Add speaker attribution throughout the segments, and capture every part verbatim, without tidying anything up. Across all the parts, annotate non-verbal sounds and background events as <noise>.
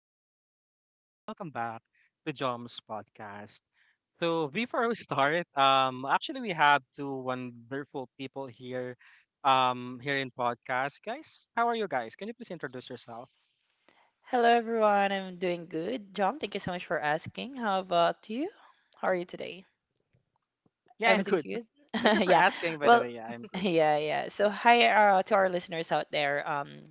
Speaker 1: morning for everyone, and welcome back to Jom's podcast. So before we start, um actually we have two wonderful people here um here in podcast. Guys, how are you guys? Can you please introduce yourself?
Speaker 2: Hello, everyone. I'm doing good. John, thank you so much for asking. How about you? How are you today?
Speaker 1: Yeah, I'm
Speaker 2: Everything's
Speaker 1: good.
Speaker 2: good?
Speaker 1: <laughs> Thank you
Speaker 2: <laughs>
Speaker 1: for
Speaker 2: Yeah.
Speaker 1: asking, by the
Speaker 2: Well,
Speaker 1: way. Yeah, I'm
Speaker 2: <laughs>
Speaker 1: good.
Speaker 2: yeah, yeah. So hi uh, to our listeners out there. Um,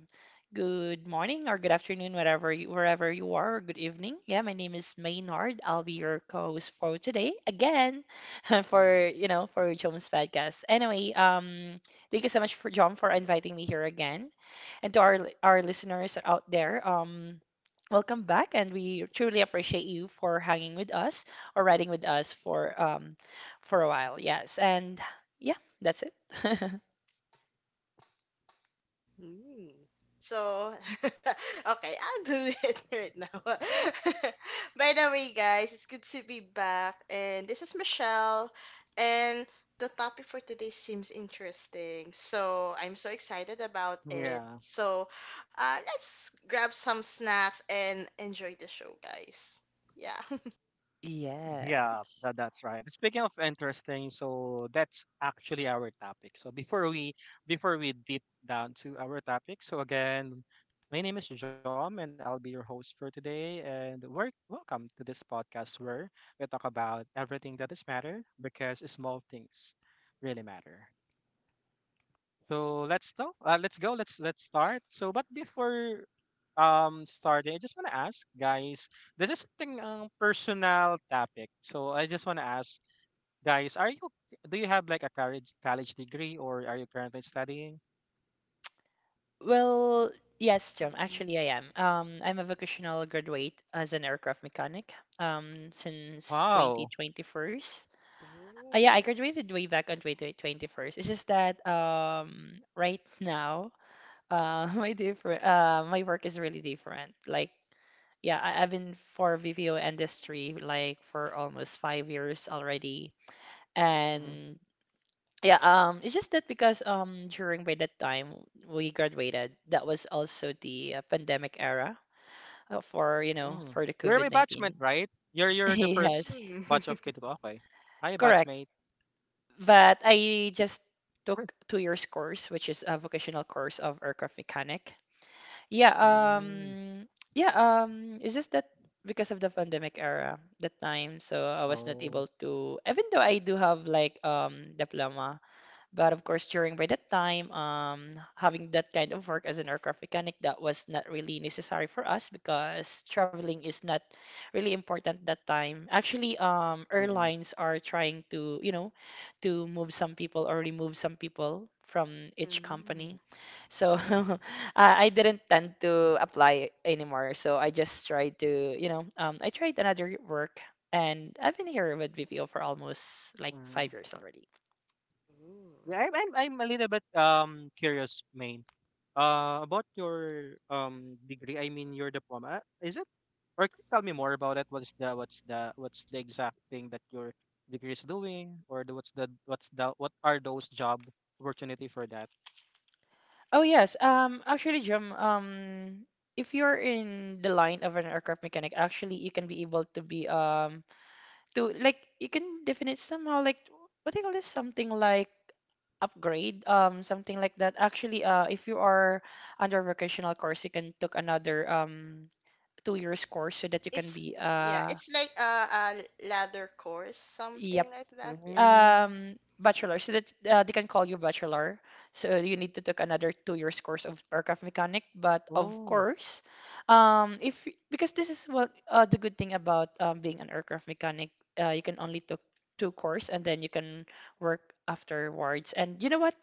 Speaker 2: good morning or good afternoon, whatever you, wherever you are. Or good evening. Yeah, my name is Maynard. I'll be your co-host for today again, <laughs> for you know for John's podcast. Anyway, um, thank you so much for John for inviting me here again, and to our li- our listeners out there. Um. Welcome back, and we truly appreciate you for hanging with us or riding with us for um, for a while. Yes, and yeah, that's it. <laughs>
Speaker 3: Mm. So, <laughs> okay, I'll do it <laughs> right now. <laughs> By the way, guys, it's good to be back. And this is Michelle. And the topic for today seems interesting. So I'm so excited about it.
Speaker 1: Yeah.
Speaker 3: So, uh, let's grab some snacks and enjoy the show, guys. Yeah. <laughs>
Speaker 1: Yeah,
Speaker 2: Yes.
Speaker 1: that, that's right. Speaking of interesting, so that's actually our topic. So before we before we deep down to our topic, so again, my name is John and I'll be your host for today. And we're welcome to this podcast where we talk about everything that is matter, because small things really matter. So let's go. Uh, let's go. Let's let's start. So, but before um starting, I just want to ask, guys. This is thing ang personal topic. So I just want to ask, guys, are you do you have like a college college degree, or are you currently studying?
Speaker 2: Well, yes, Jim,
Speaker 3: Mhm.
Speaker 2: actually I am. Um, I'm a vocational graduate as an aircraft mechanic um, since
Speaker 1: Wow.
Speaker 2: twenty twenty-one. Uh, yeah, I
Speaker 3: Ooh.
Speaker 2: graduated way back on twenty twenty-one. It's just that um, right now uh, <laughs> my different uh, my work is really different. Like, yeah, I, I've been for V P O industry like for almost five years already.
Speaker 1: Hmm.
Speaker 2: And yeah, um, it's just that because um during by that time we graduated, that was also the uh, pandemic era uh, for you know
Speaker 1: Mm.
Speaker 2: for the
Speaker 1: You're my batchmate,
Speaker 2: COVID nineteen.
Speaker 1: right? You're
Speaker 2: <laughs>
Speaker 1: you're the first
Speaker 2: Yes,
Speaker 3: Mm.
Speaker 1: batch of
Speaker 3: <laughs>
Speaker 1: K two. Okay. Hi,
Speaker 2: correct.
Speaker 1: batchmate.
Speaker 2: But I just took
Speaker 1: <laughs>
Speaker 2: two years course, which is a vocational course of aircraft mechanic. Yeah,
Speaker 3: Mm.
Speaker 1: Mm.
Speaker 2: um, yeah, um, it's just that because of the pandemic era that time, so I was not
Speaker 1: Oh.
Speaker 2: able to, even though I do have like um diploma. But of course, during by that time, um, having that kind of work as an aircraft mechanic, that was not really necessary for us because traveling is not really important that time. Actually, um,
Speaker 1: Mm-mm.
Speaker 2: airlines are trying to, you know, to move some people or remove some people from each
Speaker 3: Mm.
Speaker 2: company. So
Speaker 3: Oh.
Speaker 2: <laughs> uh, I didn't tend to apply anymore. So I just tried to, you know, um, I tried another work and I've been here with V P O for almost like
Speaker 1: Mm.
Speaker 2: five years already.
Speaker 3: Ooh.
Speaker 1: Yeah, I'm I'm I'm a little bit um curious, main. Uh, about your um degree, I mean your diploma. Is it? Or can you tell me more about it? What's the what's the what's the exact thing that your degree is doing? Or the, what's the what's the what are those job opportunity for that?
Speaker 2: Oh yes. Um, actually, Jim, um, if you're in the line of an aircraft mechanic, actually you can be able to be um to like you can definite somehow like what do you call this? Something like upgrade, um, something like that. Actually, uh, if you are under vocational course, you can took another um two years course so that you can
Speaker 3: it's
Speaker 2: be
Speaker 3: yeah,
Speaker 2: uh
Speaker 3: it's like a, a ladder course, something
Speaker 2: yep
Speaker 3: like that. Yeah.
Speaker 1: Mm,
Speaker 2: Um, bachelor, so that uh, they can call you bachelor. So you need to take another two years course of aircraft mechanic. But of
Speaker 1: oh.
Speaker 2: course, um, if y- because this is what uh, the good thing about um, being an aircraft mechanic, uh, you can only took two course and then you can work afterwards. And you know what?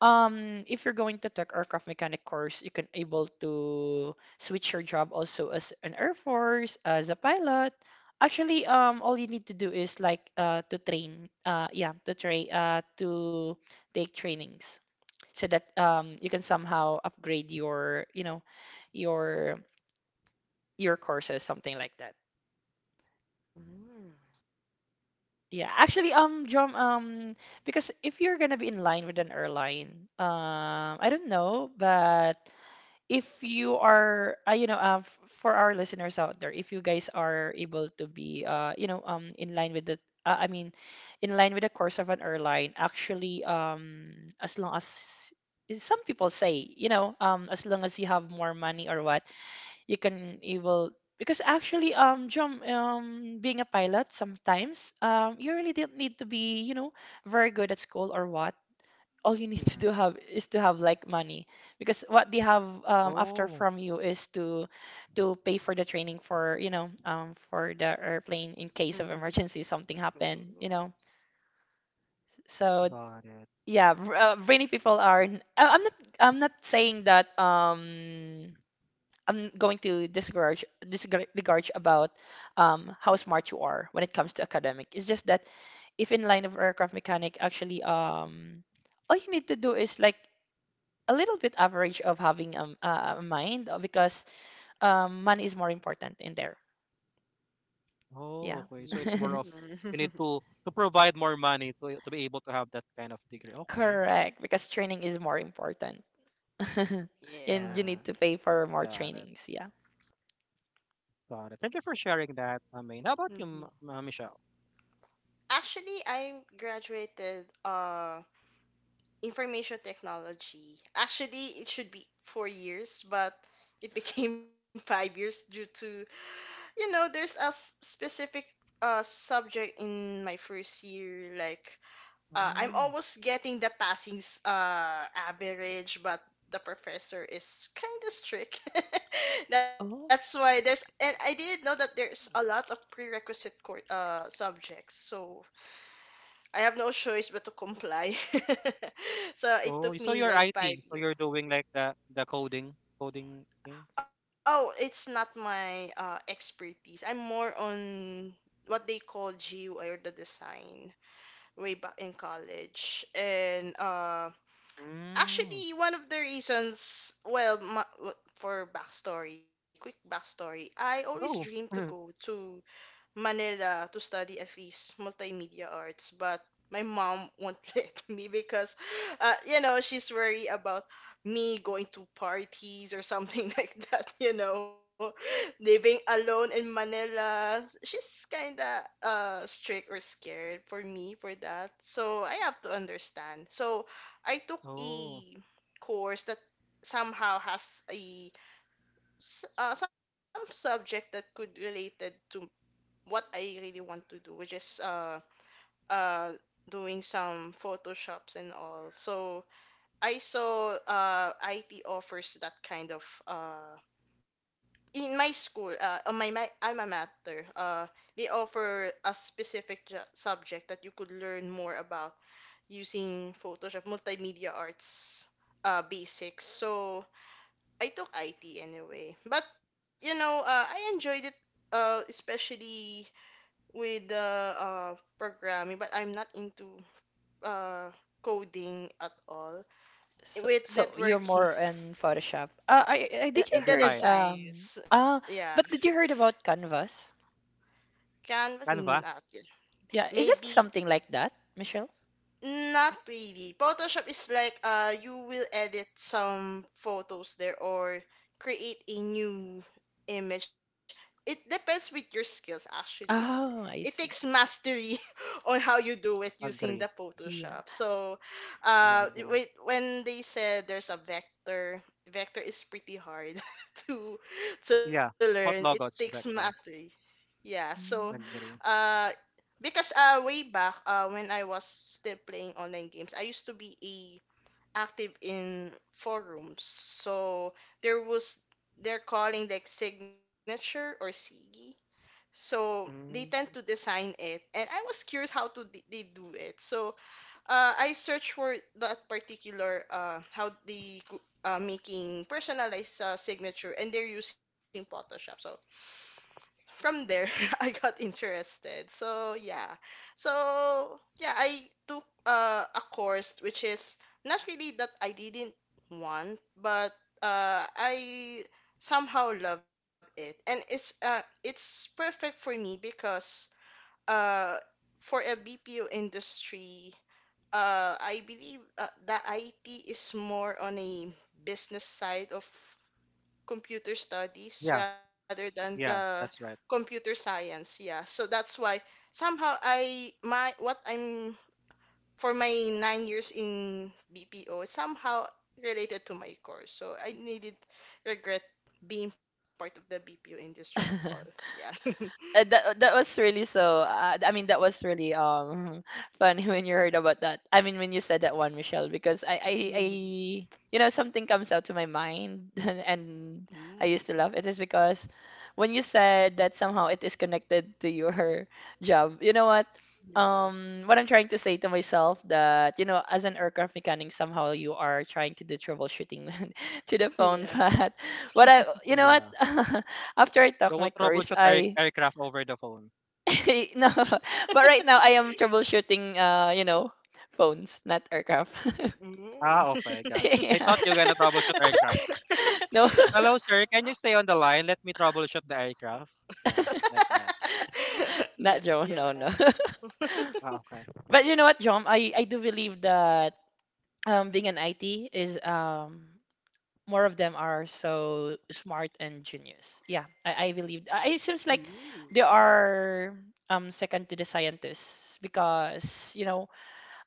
Speaker 2: Um, if you're going to take aircraft mechanic course, you can able to switch your job also as an air force, as a pilot. Actually, um, all you need to do is like uh to train, uh, yeah, to train, uh, to take trainings so that um you can somehow upgrade your, you know, your your courses, something like that.
Speaker 3: Mm.
Speaker 2: Yeah, actually, um, John, um, because if you're gonna be in line with an airline, um, I don't know, but if you are uh, you know uh, f- for our listeners out there, if you guys are able to be uh, you know um in line with the uh, I mean in line with the course of an airline, actually um as long as is- some people say, you know, um as long as you have more money or what you can, you will. Because actually um John, um being a pilot sometimes, um you really don't need to be, you know, very good at school or what. All you need to
Speaker 1: Mm-hmm.
Speaker 2: do have is to have like money, because what they have um, after
Speaker 1: Oh,
Speaker 2: from you is to to pay for the training for, you know um, for the airplane in case of
Speaker 3: hmm
Speaker 2: emergency, something happened, you know. So
Speaker 1: got it.
Speaker 2: yeah, r- uh, brainy people are n- I- I'm not, I'm not saying that um I'm going to discourage discourage about um, how smart you are when it comes to academic. It's just that if in line of aircraft mechanic, actually um all you need to do is like a little bit average of having um, a, a mind uh, because um, money is more important in there.
Speaker 1: Oh,
Speaker 2: Yeah.
Speaker 1: okay. So it's more
Speaker 2: <laughs>
Speaker 1: of you need
Speaker 3: Mm.
Speaker 1: to to provide more money to to be able to have that kind of degree. Okay.
Speaker 2: Correct, because training is more important. <laughs>
Speaker 3: <laughs>
Speaker 2: And you
Speaker 3: Yeah.
Speaker 1: Alright.
Speaker 2: need to pay for more
Speaker 1: Got it.
Speaker 2: trainings, yeah.
Speaker 1: Got it. Thank you for sharing that, Amin. How about you,
Speaker 3: Mhm.
Speaker 1: M- uh, Michelle?
Speaker 3: Actually, I graduated uh information technology. Actually, it should be four years, but it became <laughs> five years due to you know there's a s- specific uh subject in my first year. Like uh, I'm
Speaker 1: Mm.
Speaker 3: almost getting the passing s- uh, average, but the professor is kind of strict. <laughs>
Speaker 2: Oh,
Speaker 3: That's why there's, and I didn't know that there's a lot of prerequisite court uh, subjects, so I have no choice but to comply. <laughs>
Speaker 1: Oh,
Speaker 3: So
Speaker 1: so
Speaker 3: it
Speaker 1: you're
Speaker 3: took me
Speaker 1: I T, so
Speaker 3: like
Speaker 1: you're
Speaker 3: five
Speaker 1: doing like
Speaker 3: years.
Speaker 1: the the coding coding thing.
Speaker 3: Oh, it's not my uh, expertise. I'm more on what they call G U I, or the design way back in college. And uh
Speaker 1: Mm.
Speaker 3: Actually, one of the reasons, well ma- w- for backstory, quick backstory, I always dreamed to
Speaker 1: Go.
Speaker 3: go
Speaker 1: <laughs>
Speaker 3: to Manila to study at least multimedia arts, but my mom won't <laughs> let me because, uh, you know, she's worried about me going to parties or something <laughs> like that, you know, living alone in Manila. She's kind of uh, strict or scared for me for that. So I have to understand. So I took
Speaker 1: Oh,
Speaker 3: a course that somehow has a s- uh, some subject that could related to what I really want to do, which is uh uh doing some photoshops and all. So I saw uh I T offers that kind of uh in my school, uh, on my, my alma mater. Uh, they offer a specific ju- subject that you could learn more about using Photoshop, multimedia arts uh, basics. So I took I T anyway, but you know, uh, I enjoyed it, uh, especially with the uh, programming, but I'm not into uh, coding at all.
Speaker 2: so,
Speaker 3: With
Speaker 2: so you're
Speaker 3: networking,
Speaker 2: more in Photoshop. Uh, I, I
Speaker 3: <laughs> uh,
Speaker 2: did you
Speaker 3: in
Speaker 1: yeah,
Speaker 3: the
Speaker 2: heard
Speaker 1: design.
Speaker 2: um
Speaker 3: designs, yeah.
Speaker 2: uh but did you heard about Canvas?
Speaker 3: Canvas,
Speaker 1: Canva.
Speaker 3: not yet.
Speaker 2: Yeah, is it
Speaker 3: Maybe
Speaker 2: something like that, Michelle?
Speaker 3: not really. Photoshop is like, uh, you will edit some photos there, or create a new image. It depends with your skills actually.
Speaker 2: Oh,
Speaker 3: It
Speaker 2: I
Speaker 3: takes
Speaker 2: see.
Speaker 3: mastery <laughs> on how you do it using the
Speaker 1: Agree.
Speaker 2: Yeah.
Speaker 3: Photoshop. So,
Speaker 1: Yeah,
Speaker 3: uh,
Speaker 1: agree.
Speaker 3: wait, when they said there's a vector, vector is pretty hard <laughs> to to
Speaker 1: Yeah,
Speaker 3: learn. It
Speaker 1: what
Speaker 3: takes
Speaker 1: logos
Speaker 3: mastery.
Speaker 1: vector?
Speaker 3: Yeah. So,
Speaker 2: Mm.
Speaker 1: Agree.
Speaker 3: uh, because uh, way back uh, when I was still playing online games, I used to be a active in forums. So there was they're calling like signature or sigi. So they tend
Speaker 1: Mm.
Speaker 3: to design it, and I was curious how to d- they do it. So uh, I searched for that particular uh, how they go- uh, making personalized uh, signature, and they're using Photoshop. So from there <laughs> I got interested. So yeah. So yeah, I took uh, a course which is not really that I didn't want, but uh, I somehow love it. And it's uh, it's perfect for me because uh, for a B P O industry, uh, I believe uh, the I T is more on a business side of computer studies
Speaker 1: Yeah,
Speaker 3: rather than the
Speaker 1: yeah, that's right.
Speaker 3: computer science. Yeah, so that's why somehow I my what I'm for my nine years in BPO is somehow related to my course, so I needed regret being part of the BPO industry at all. Yeah.
Speaker 2: <laughs>
Speaker 3: <laughs>
Speaker 2: Uh, that uh, that was really so. Uh, I mean, that was really um <laughs> funny when you heard about that. I mean, when you said that one, Michelle, because I I, I
Speaker 3: Mhm.
Speaker 2: you know something comes out to my mind, <laughs> and I
Speaker 3: Mm.
Speaker 2: used to love it is because when you said that somehow it is connected to your <laughs> job. You know what?
Speaker 3: Yeah.
Speaker 2: Um, what I'm trying to say to myself that, you know, as an aircraft mechanic, somehow you are trying to do troubleshooting <laughs> to
Speaker 3: <laughs>
Speaker 2: the
Speaker 3: yeah
Speaker 2: phone,
Speaker 3: Yeah.
Speaker 2: <laughs> but what I, you know what?
Speaker 1: Yeah,
Speaker 2: <laughs> After I
Speaker 1: they
Speaker 2: took
Speaker 1: will
Speaker 2: my course,
Speaker 1: troubleshoot air,
Speaker 2: I
Speaker 1: aircraft over the phone.
Speaker 2: <laughs> no, but right now I am troubleshooting, uh, you know, phones, not aircraft. <laughs>
Speaker 3: Mm.
Speaker 1: Ah, okay, got. I
Speaker 2: Yeah.
Speaker 1: thought you're gonna troubleshoot aircraft.
Speaker 2: No,
Speaker 1: Hello, sir. Can you stay on the line? Let me troubleshoot the aircraft. Yeah, like that.
Speaker 3: <laughs> <laughs>
Speaker 2: <laughs>
Speaker 3: N-
Speaker 2: not John.
Speaker 3: yeah.
Speaker 2: No, no.
Speaker 3: <laughs>
Speaker 2: <laughs>
Speaker 1: Ah, okay.
Speaker 2: But you know what, John? I, I do believe that um, being an I T is um, more of them are so smart and genius. Yeah, I, I believe. I, it seems like they
Speaker 3: Mm,
Speaker 2: are um, second to the scientists because, you know,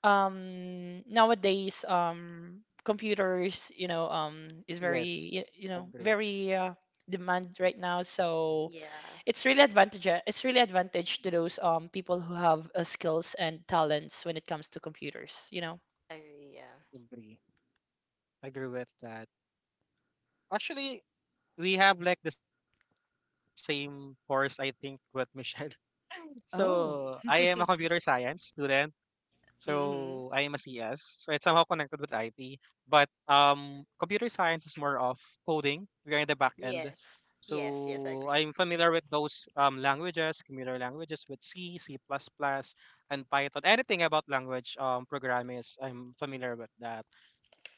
Speaker 2: um nowadays um computers, you know, um is very you,
Speaker 1: Yes,
Speaker 2: you know
Speaker 1: agree,
Speaker 2: very uh, demand right now, so
Speaker 3: yeah.
Speaker 2: it's really advantage, it's really advantage to those um people who have uh, skills and talents when it comes to computers, you know.
Speaker 3: I agree, yeah.
Speaker 1: agree, agree with that. Actually, we have like the same course, I think, with Michelle. <laughs> So I
Speaker 2: Oh,
Speaker 1: am a computer
Speaker 3: Ooh.
Speaker 1: science student.
Speaker 3: <laughs>
Speaker 1: So I am
Speaker 3: hmm
Speaker 1: a C S. So it's somehow connected with I T. But um, computer science is more of coding. We're in the back end.
Speaker 3: Yes. Yes, yes, I
Speaker 1: So
Speaker 3: agree.
Speaker 1: I'm familiar with those um, languages, computer languages with C, C++, and Python. Anything about language um, programming is I'm familiar with that.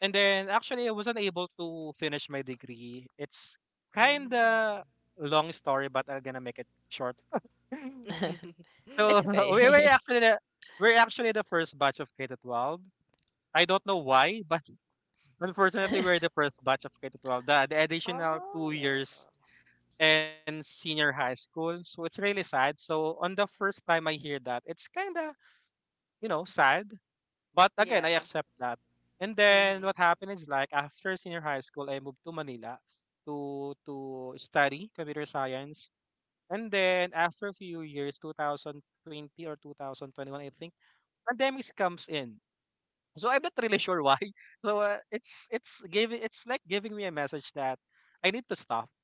Speaker 1: And then actually I wasn't able to finish my degree. It's kind
Speaker 3: Mm.
Speaker 1: of long story, but I'm gonna make it short.
Speaker 2: <laughs>
Speaker 3: <laughs>
Speaker 1: So
Speaker 2: it's
Speaker 1: <laughs> we were
Speaker 2: okay
Speaker 1: actually the, we're actually the first batch of K to twelve. I don't know why, but <laughs> unfortunately,
Speaker 3: Oh.
Speaker 1: we're the first batch of K twelve, the, the additional two
Speaker 3: Oh.
Speaker 1: years and senior high school. So it's really sad. So on the first time I hear that, it's kind of, you know, sad. But again, I
Speaker 3: Yeah.
Speaker 1: accept that. And then
Speaker 3: Mm-hmm.
Speaker 1: what happened is like after senior high school, I moved to Manila to to study computer science. And then after a few years, two thousand twenty or two thousand twenty-one, I think, pandemics comes in. So I'm not really sure why. <laughs> So uh, it's it's giving it's like giving me a message that I need to stop.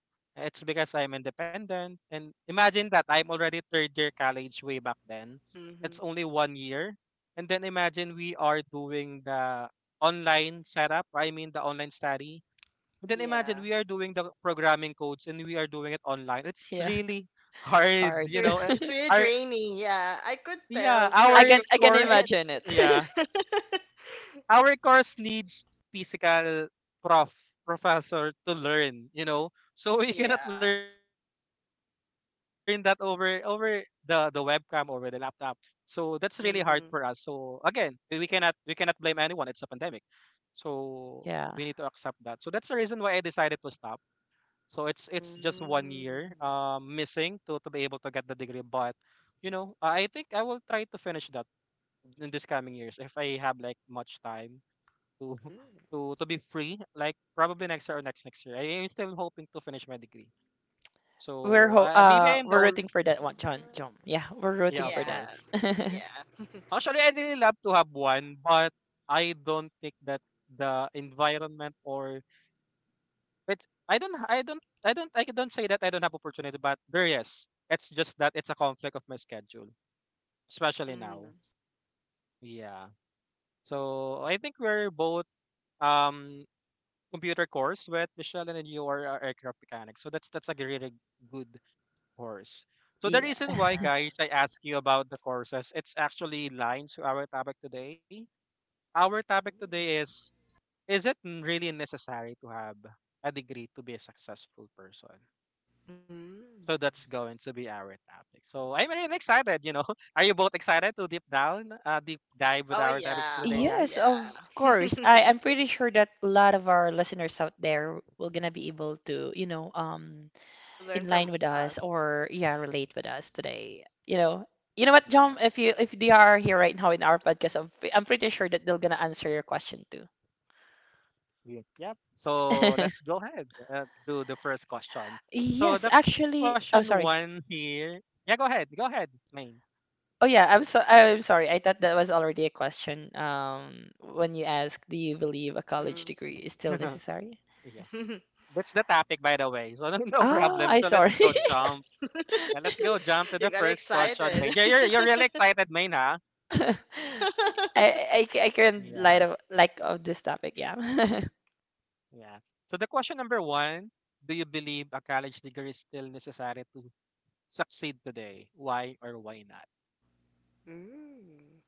Speaker 1: It's because I'm independent, and imagine that I'm already third year college way back then. It's
Speaker 3: Mm-hmm.
Speaker 1: only one year, and then imagine we are doing the online setup. I mean the online study. And then imagine
Speaker 3: Yeah.
Speaker 1: we are doing the programming codes, and we are doing it online.
Speaker 2: <laughs>
Speaker 1: It's
Speaker 2: yeah,
Speaker 1: really <laughs> hard,
Speaker 2: hard.
Speaker 3: It's
Speaker 1: you
Speaker 3: re
Speaker 1: know. eh,
Speaker 3: it's really
Speaker 1: Our
Speaker 3: draining. Yeah, I could
Speaker 1: yeah,
Speaker 3: tell
Speaker 2: <laughs>
Speaker 3: from
Speaker 2: I can
Speaker 3: the
Speaker 1: our
Speaker 2: I can
Speaker 1: course.
Speaker 3: students.
Speaker 2: imagine it.
Speaker 1: Yeah,
Speaker 2: <laughs>
Speaker 3: <laughs>
Speaker 1: our course needs physical prof professor to learn, you know, so we cannot
Speaker 3: Yeah.
Speaker 1: learn that over over the the webcam, over the laptop. So that's really hard for us. So again,
Speaker 3: Mm-hmm.
Speaker 1: we we cannot we cannot blame anyone. It's a pandemic. So we need to
Speaker 2: Yeah.
Speaker 1: accept that. So that's the reason why I decided to stop. So it's it's just one
Speaker 3: Mm-hmm.
Speaker 1: year uh, missing to, to be able to get the degree. But you know, i I think I will try to finish that in this coming years if I have like much time to <laughs>
Speaker 3: Mm.
Speaker 1: to to be free, like probably next year or next next year. I am still hoping to finish my degree.
Speaker 2: We're
Speaker 1: So
Speaker 2: ho-
Speaker 1: uh,
Speaker 3: Ooh.
Speaker 1: maybe
Speaker 2: uh
Speaker 1: I am the
Speaker 2: we're
Speaker 1: only—
Speaker 2: rooting for that one, John. John. Yeah, we're
Speaker 1: yeah,
Speaker 2: rooting
Speaker 1: of
Speaker 2: for that.
Speaker 3: Yeah.
Speaker 1: course.
Speaker 2: <laughs>
Speaker 3: Yeah.
Speaker 1: Actually, I really love to have one, but I don't think that the environment or— but i don't i don't i don't i don't say that I don't have opportunity, but there is— it's just that it's a conflict of my schedule, especially
Speaker 3: Mm-hmm.
Speaker 1: now. Yeah. So I think we're both um computer course with Michelle, and then you are a aircraft mechanic. So that's that's a really good course. So the
Speaker 2: Yeah.
Speaker 1: reason why,
Speaker 3: Yeah.
Speaker 1: guys, I ask you about the courses, it's actually lines to our topic today. Our topic today
Speaker 3: Ooh.
Speaker 1: is: Is it n- really necessary to have a degree to be a successful person? So
Speaker 3: Mm.
Speaker 1: that's going to be our topic. So I'm really excited. You know, <laughs> are you both excited to deep down, uh, deep dive with
Speaker 3: Oh
Speaker 1: our topic for
Speaker 3: yeah,
Speaker 1: today,
Speaker 3: oh
Speaker 2: Yes,
Speaker 1: guys?
Speaker 2: of course.
Speaker 3: yeah. <laughs>
Speaker 2: I I'm pretty sure that a lot of our listeners out there will gonna be able to, you know, um,
Speaker 3: To
Speaker 2: in
Speaker 3: learn
Speaker 2: line
Speaker 3: from
Speaker 2: with us
Speaker 3: us.
Speaker 2: or yeah, relate with us today. You know,
Speaker 1: Yep.
Speaker 2: you know what, John? If you if they are here right now in our podcast, I'm, I'm pretty sure that they're gonna answer your question too.
Speaker 1: Yeah. Yep. So let's
Speaker 2: <laughs>
Speaker 1: go ahead, uh, do the first question. So
Speaker 2: Yes,
Speaker 1: the question
Speaker 2: actually. Oh,
Speaker 1: one
Speaker 2: sorry.
Speaker 1: here. Yeah, go ahead. Go ahead, main.
Speaker 2: Oh yeah, I'm so I'm sorry. I thought that was already a question. Um, when you ask, do you believe a college
Speaker 3: Mm.
Speaker 2: degree is still
Speaker 1: <laughs>
Speaker 2: necessary?
Speaker 1: Yeah.
Speaker 3: <laughs>
Speaker 1: That's the topic, by the way. So <laughs> no
Speaker 2: Ah,
Speaker 1: problem.
Speaker 2: I
Speaker 1: So let's
Speaker 2: sorry.
Speaker 1: go
Speaker 3: Oh.
Speaker 1: jump.
Speaker 3: <laughs>
Speaker 1: Yeah, let's go
Speaker 3: You
Speaker 1: jump to
Speaker 3: got
Speaker 1: the first
Speaker 3: excited.
Speaker 1: question, main. Yeah, you're, you're
Speaker 3: <laughs>
Speaker 1: really excited, main, huh?
Speaker 2: <laughs> I I I can not light
Speaker 1: Yeah.
Speaker 2: of like of this topic, yeah. <laughs>
Speaker 1: Yeah. So the question number one, do you believe a college degree is still necessary to succeed today? Why or why not?
Speaker 3: Mm.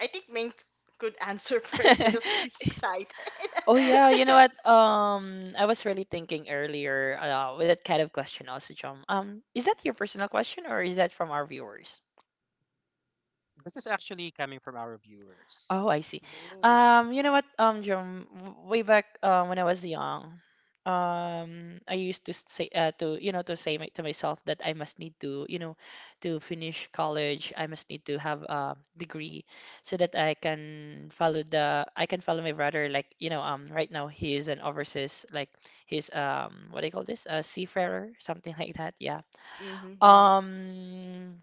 Speaker 3: I think Ming could answer <laughs> first because he's
Speaker 2: <laughs>
Speaker 3: excited.
Speaker 2: Oh yeah, you know what? Um, I was really thinking earlier uh, with that kind of question also, John. Um, is that your personal question or is that from our viewers?
Speaker 1: This is actually coming from our viewers.
Speaker 2: Oh, I see.
Speaker 3: <laughs> Ooh.
Speaker 2: Um, you know what, um, Jerome, w- way back uh, when I was young, um, I used to say uh, to, you know to say my, to myself that I must need to, you know, to finish college. I must need to have a degree so that I can follow the I can follow my brother. Like, you know, um, right now he is an overseas like he's um what do you call this? A seafarer, something like that. Yeah.
Speaker 3: Mm-hmm, mm-hmm,
Speaker 2: Um,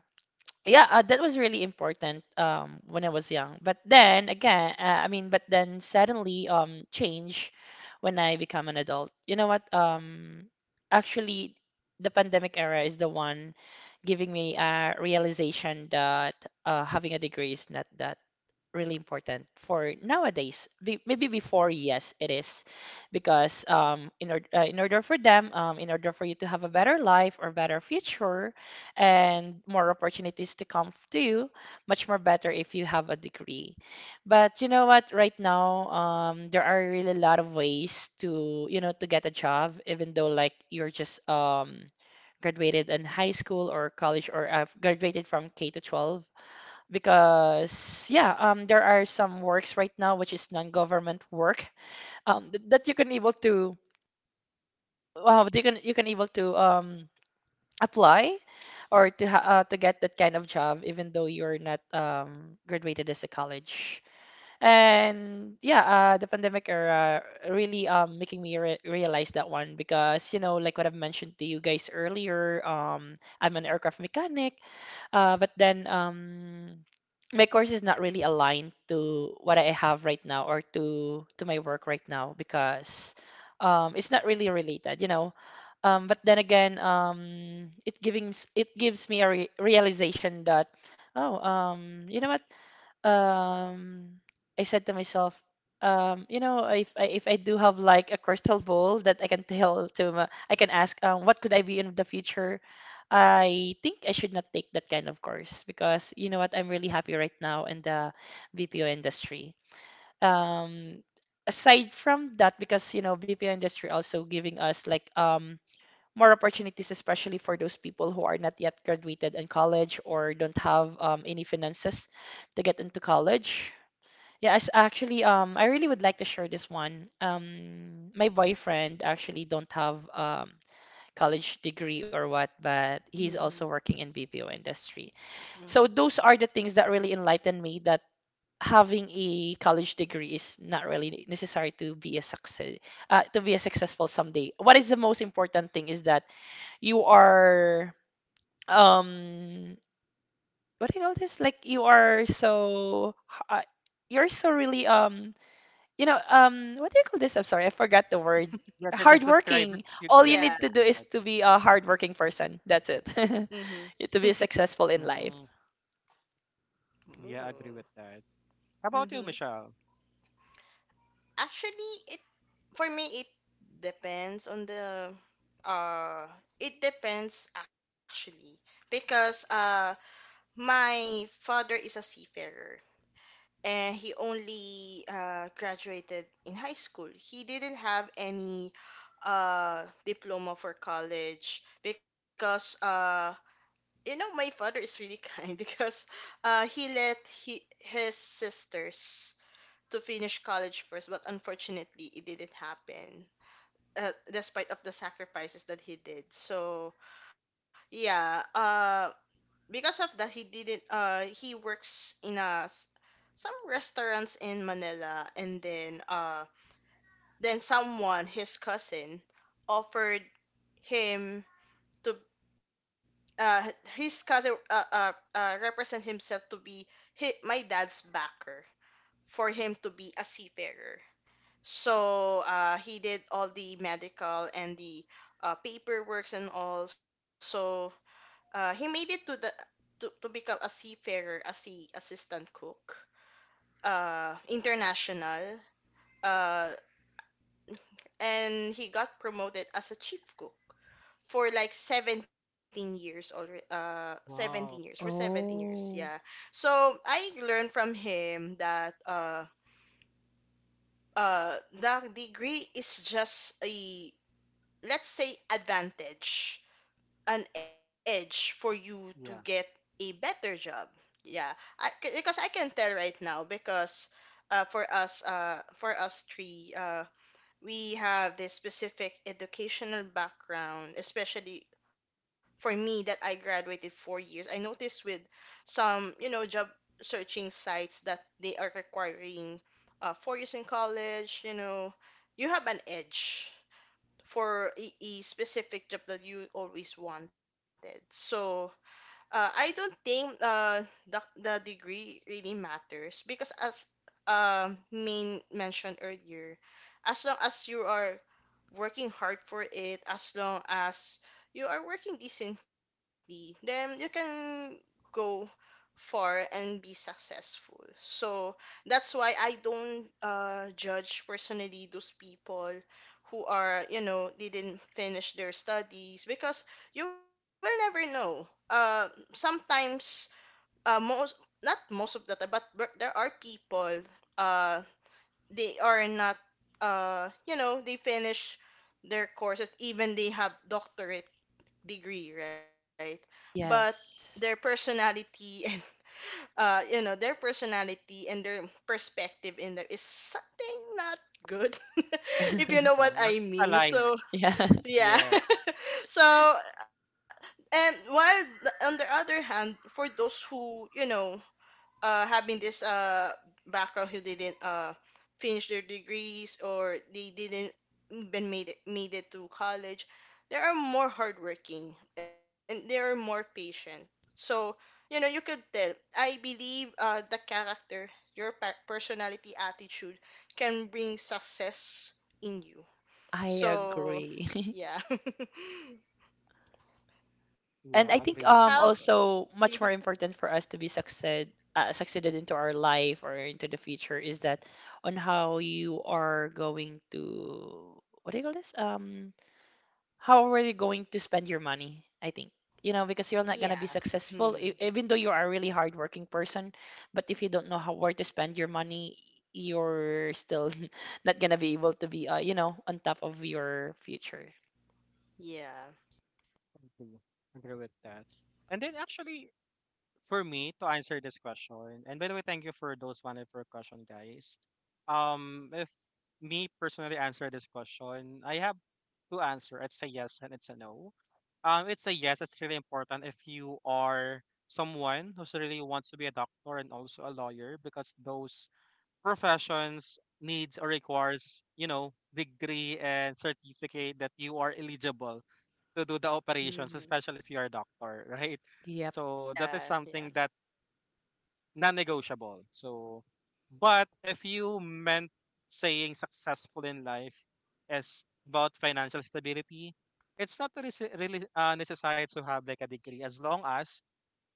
Speaker 2: yeah, uh, that was really important um, when I was young. But then again, uh, I mean, but then suddenly um, change when I become an adult. You know what? Um, actually, the pandemic era is the one giving me a realization that uh, having a degree is not that really important for nowadays. Be- maybe before, yes, it is, because um, in order uh, in order for them, um, in order for you to have a better life or better future, and more opportunities to come to you, much more better if you have a degree. But you know what? Right now, um, there are really a lot of ways to, you know, to get a job, even though like you're just um graduated in high school or college or uh, graduated from K to twelve because yeah, um, there are some works right now which is non-government work, um, th- that you can able to uh, you can, you can able to um, apply or to ha uh, to get that kind of job even though you're not um, graduated as a college. And yeah, uh, the pandemic era really um making me re realize that one because you know like what I've mentioned to you guys earlier, um, I'm an aircraft mechanic, uh, but then um my course is not really aligned to what I have right now or to to my work right now because um it's not really related, you know. Um, but then again, um, it giving s- it gives me a re realization that oh um you know what um I said to myself, um, you know, if I if I do have like a crystal ball that I can <laughs> tell to my, I can ask, um, what could I be in the future? I think I should not take that kind of course because you know what, I'm really happy right now in the B P O industry. Um, Aside from that, because you know, B P O industry also giving us like um more opportunities, especially for those people who are not yet graduated in college or don't have um, any finances to get into college. Yes, actually, um, I really would like to share this one. Um, my boyfriend actually don't have um, college degree or what, but he's also working in B P O industry. So
Speaker 3: mm-hmm.
Speaker 2: those are the things that really enlightened me that having a college degree is not really necessary to be a success uh, to be a successful someday. What is the most important thing is that you are um what do you call this? Like you are so uh, you're so really um you know, um, what do you call this? I'm sorry, I forgot the word.
Speaker 1: Yeah, that, that's
Speaker 2: Hardworking.
Speaker 1: described. That's,
Speaker 2: All you
Speaker 1: yeah,
Speaker 2: need
Speaker 3: Yeah.
Speaker 2: to do
Speaker 1: describe. Yeah,
Speaker 2: is to be
Speaker 1: hardworking.
Speaker 2: a hardworking person. That's it. <laughs>
Speaker 3: Mm-hmm.
Speaker 2: You- to be successful in life.
Speaker 1: Mm, yeah, I agree
Speaker 3: <laughs>
Speaker 1: with that. How about you,
Speaker 3: Ooh.
Speaker 1: Michelle?
Speaker 3: Actually, it For me, it depends on the uh it depends actually because uh my father is a seafarer, and he only uh graduated in high school. He didn't have any uh diploma for college because uh you know, my father is really <laughs> kind because uh he let he, his sisters, to finish college first, but unfortunately, it didn't happen uh, despite of the sacrifices that he did. So yeah. Uh, because of that, he didn't. Uh, he works in a s- some restaurants in Manila, and then uh, then someone, his cousin, offered him to uh, his cousin uh, uh, uh, represent himself to be hi my dad's backer for him to be a seafarer. So uh, he did all the medical and the uh, paperwork and all. So uh, he made it to the to, to become a seafarer, a sea assistant cook, uh, international, uh, and he got promoted as a chief cook for like seventeen years already. uh seventeen years, for
Speaker 1: Wow.
Speaker 3: seventeen years, yeah.
Speaker 2: Oh,
Speaker 3: So I learned from him that uh uh the degree is just a, let's say, advantage, an edge for you to get
Speaker 1: Yeah.
Speaker 3: a better job. Yeah. I, c- because I can tell right now, because uh, for us uh, for us three, uh, we have this specific educational background, especially for me that I graduated four years. I noticed with some, you know, job searching sites that they are requiring uh, four years in college. You know, you have an edge for a, a specific job that you always wanted. So uh, I don't think uh, the, the degree really matters, because as um Main mentioned earlier, as long as you are working hard for it, as long as you are working decently, then you can go far and be successful. So that's why I don't uh, judge personally those people who are, you know, they didn't finish their studies, because you will never know. Uh, sometimes, uh, most, not most of the time, but but there are people, uh, they are not, uh, you know, they finish their courses, even they have doctorate degree, right? But their
Speaker 2: yes.
Speaker 3: personality <laughs> and uh, you know, their personality and their perspective in there is something not good, <laughs> if you know
Speaker 2: <laughs>
Speaker 3: what
Speaker 1: Uh,
Speaker 3: I
Speaker 1: not
Speaker 3: mean.
Speaker 1: aligned.
Speaker 3: So,
Speaker 2: Yeah,
Speaker 3: yeah.
Speaker 1: Yes.
Speaker 3: <laughs> So, and while th- on the other hand, for those who, you know, uh, having this uh, background, who didn't uh, finish their degrees or they didn't even made it, made it to college, they are more hardworking and they are more patient. So you know, you could tell. I believe uh, the character, your pa- personality, attitude can bring success in you.
Speaker 2: I
Speaker 3: So
Speaker 2: agree. <laughs>
Speaker 3: yeah, <laughs>
Speaker 2: And
Speaker 1: Yeah,
Speaker 2: I
Speaker 1: I
Speaker 3: how?
Speaker 2: think
Speaker 1: agree with
Speaker 2: um
Speaker 1: that.
Speaker 3: Mhm.
Speaker 2: also much more important for us to be succeed uh, succeeded into our life or into the future is that on how you are going to what do you call this? Um, how are you going to spend your money? I think you know because you're
Speaker 3: Yeah.
Speaker 2: not gonna be
Speaker 3: Hmm.
Speaker 2: successful e- even though you are a really hardworking person, but if you don't know how where to spend your money, you're still <laughs> not gonna be able to be uh, you know on top of your future.
Speaker 3: Yeah.
Speaker 1: Agree. Agree with that. And then actually, for me to answer this question, and by the way, thank you for those wonderful question, guys. Um, if me personally answer this question, I have two answer. It's a yes and it's a no. Um, it's a yes. It's really important if you are someone who's really wants to be a doctor and also a lawyer, because those professions needs or requires, you know, degree and certificate that you are eligible to do the operations,
Speaker 3: Mhm.
Speaker 1: especially if you are a doctor, <laughs> right?
Speaker 2: Yep.
Speaker 1: So that is
Speaker 3: Yeah,
Speaker 1: something
Speaker 3: yeah.
Speaker 1: that non-negotiable. So, but if you meant saying successful in life is about financial stability, it's not really, really uh, necessary to have like a degree, as long as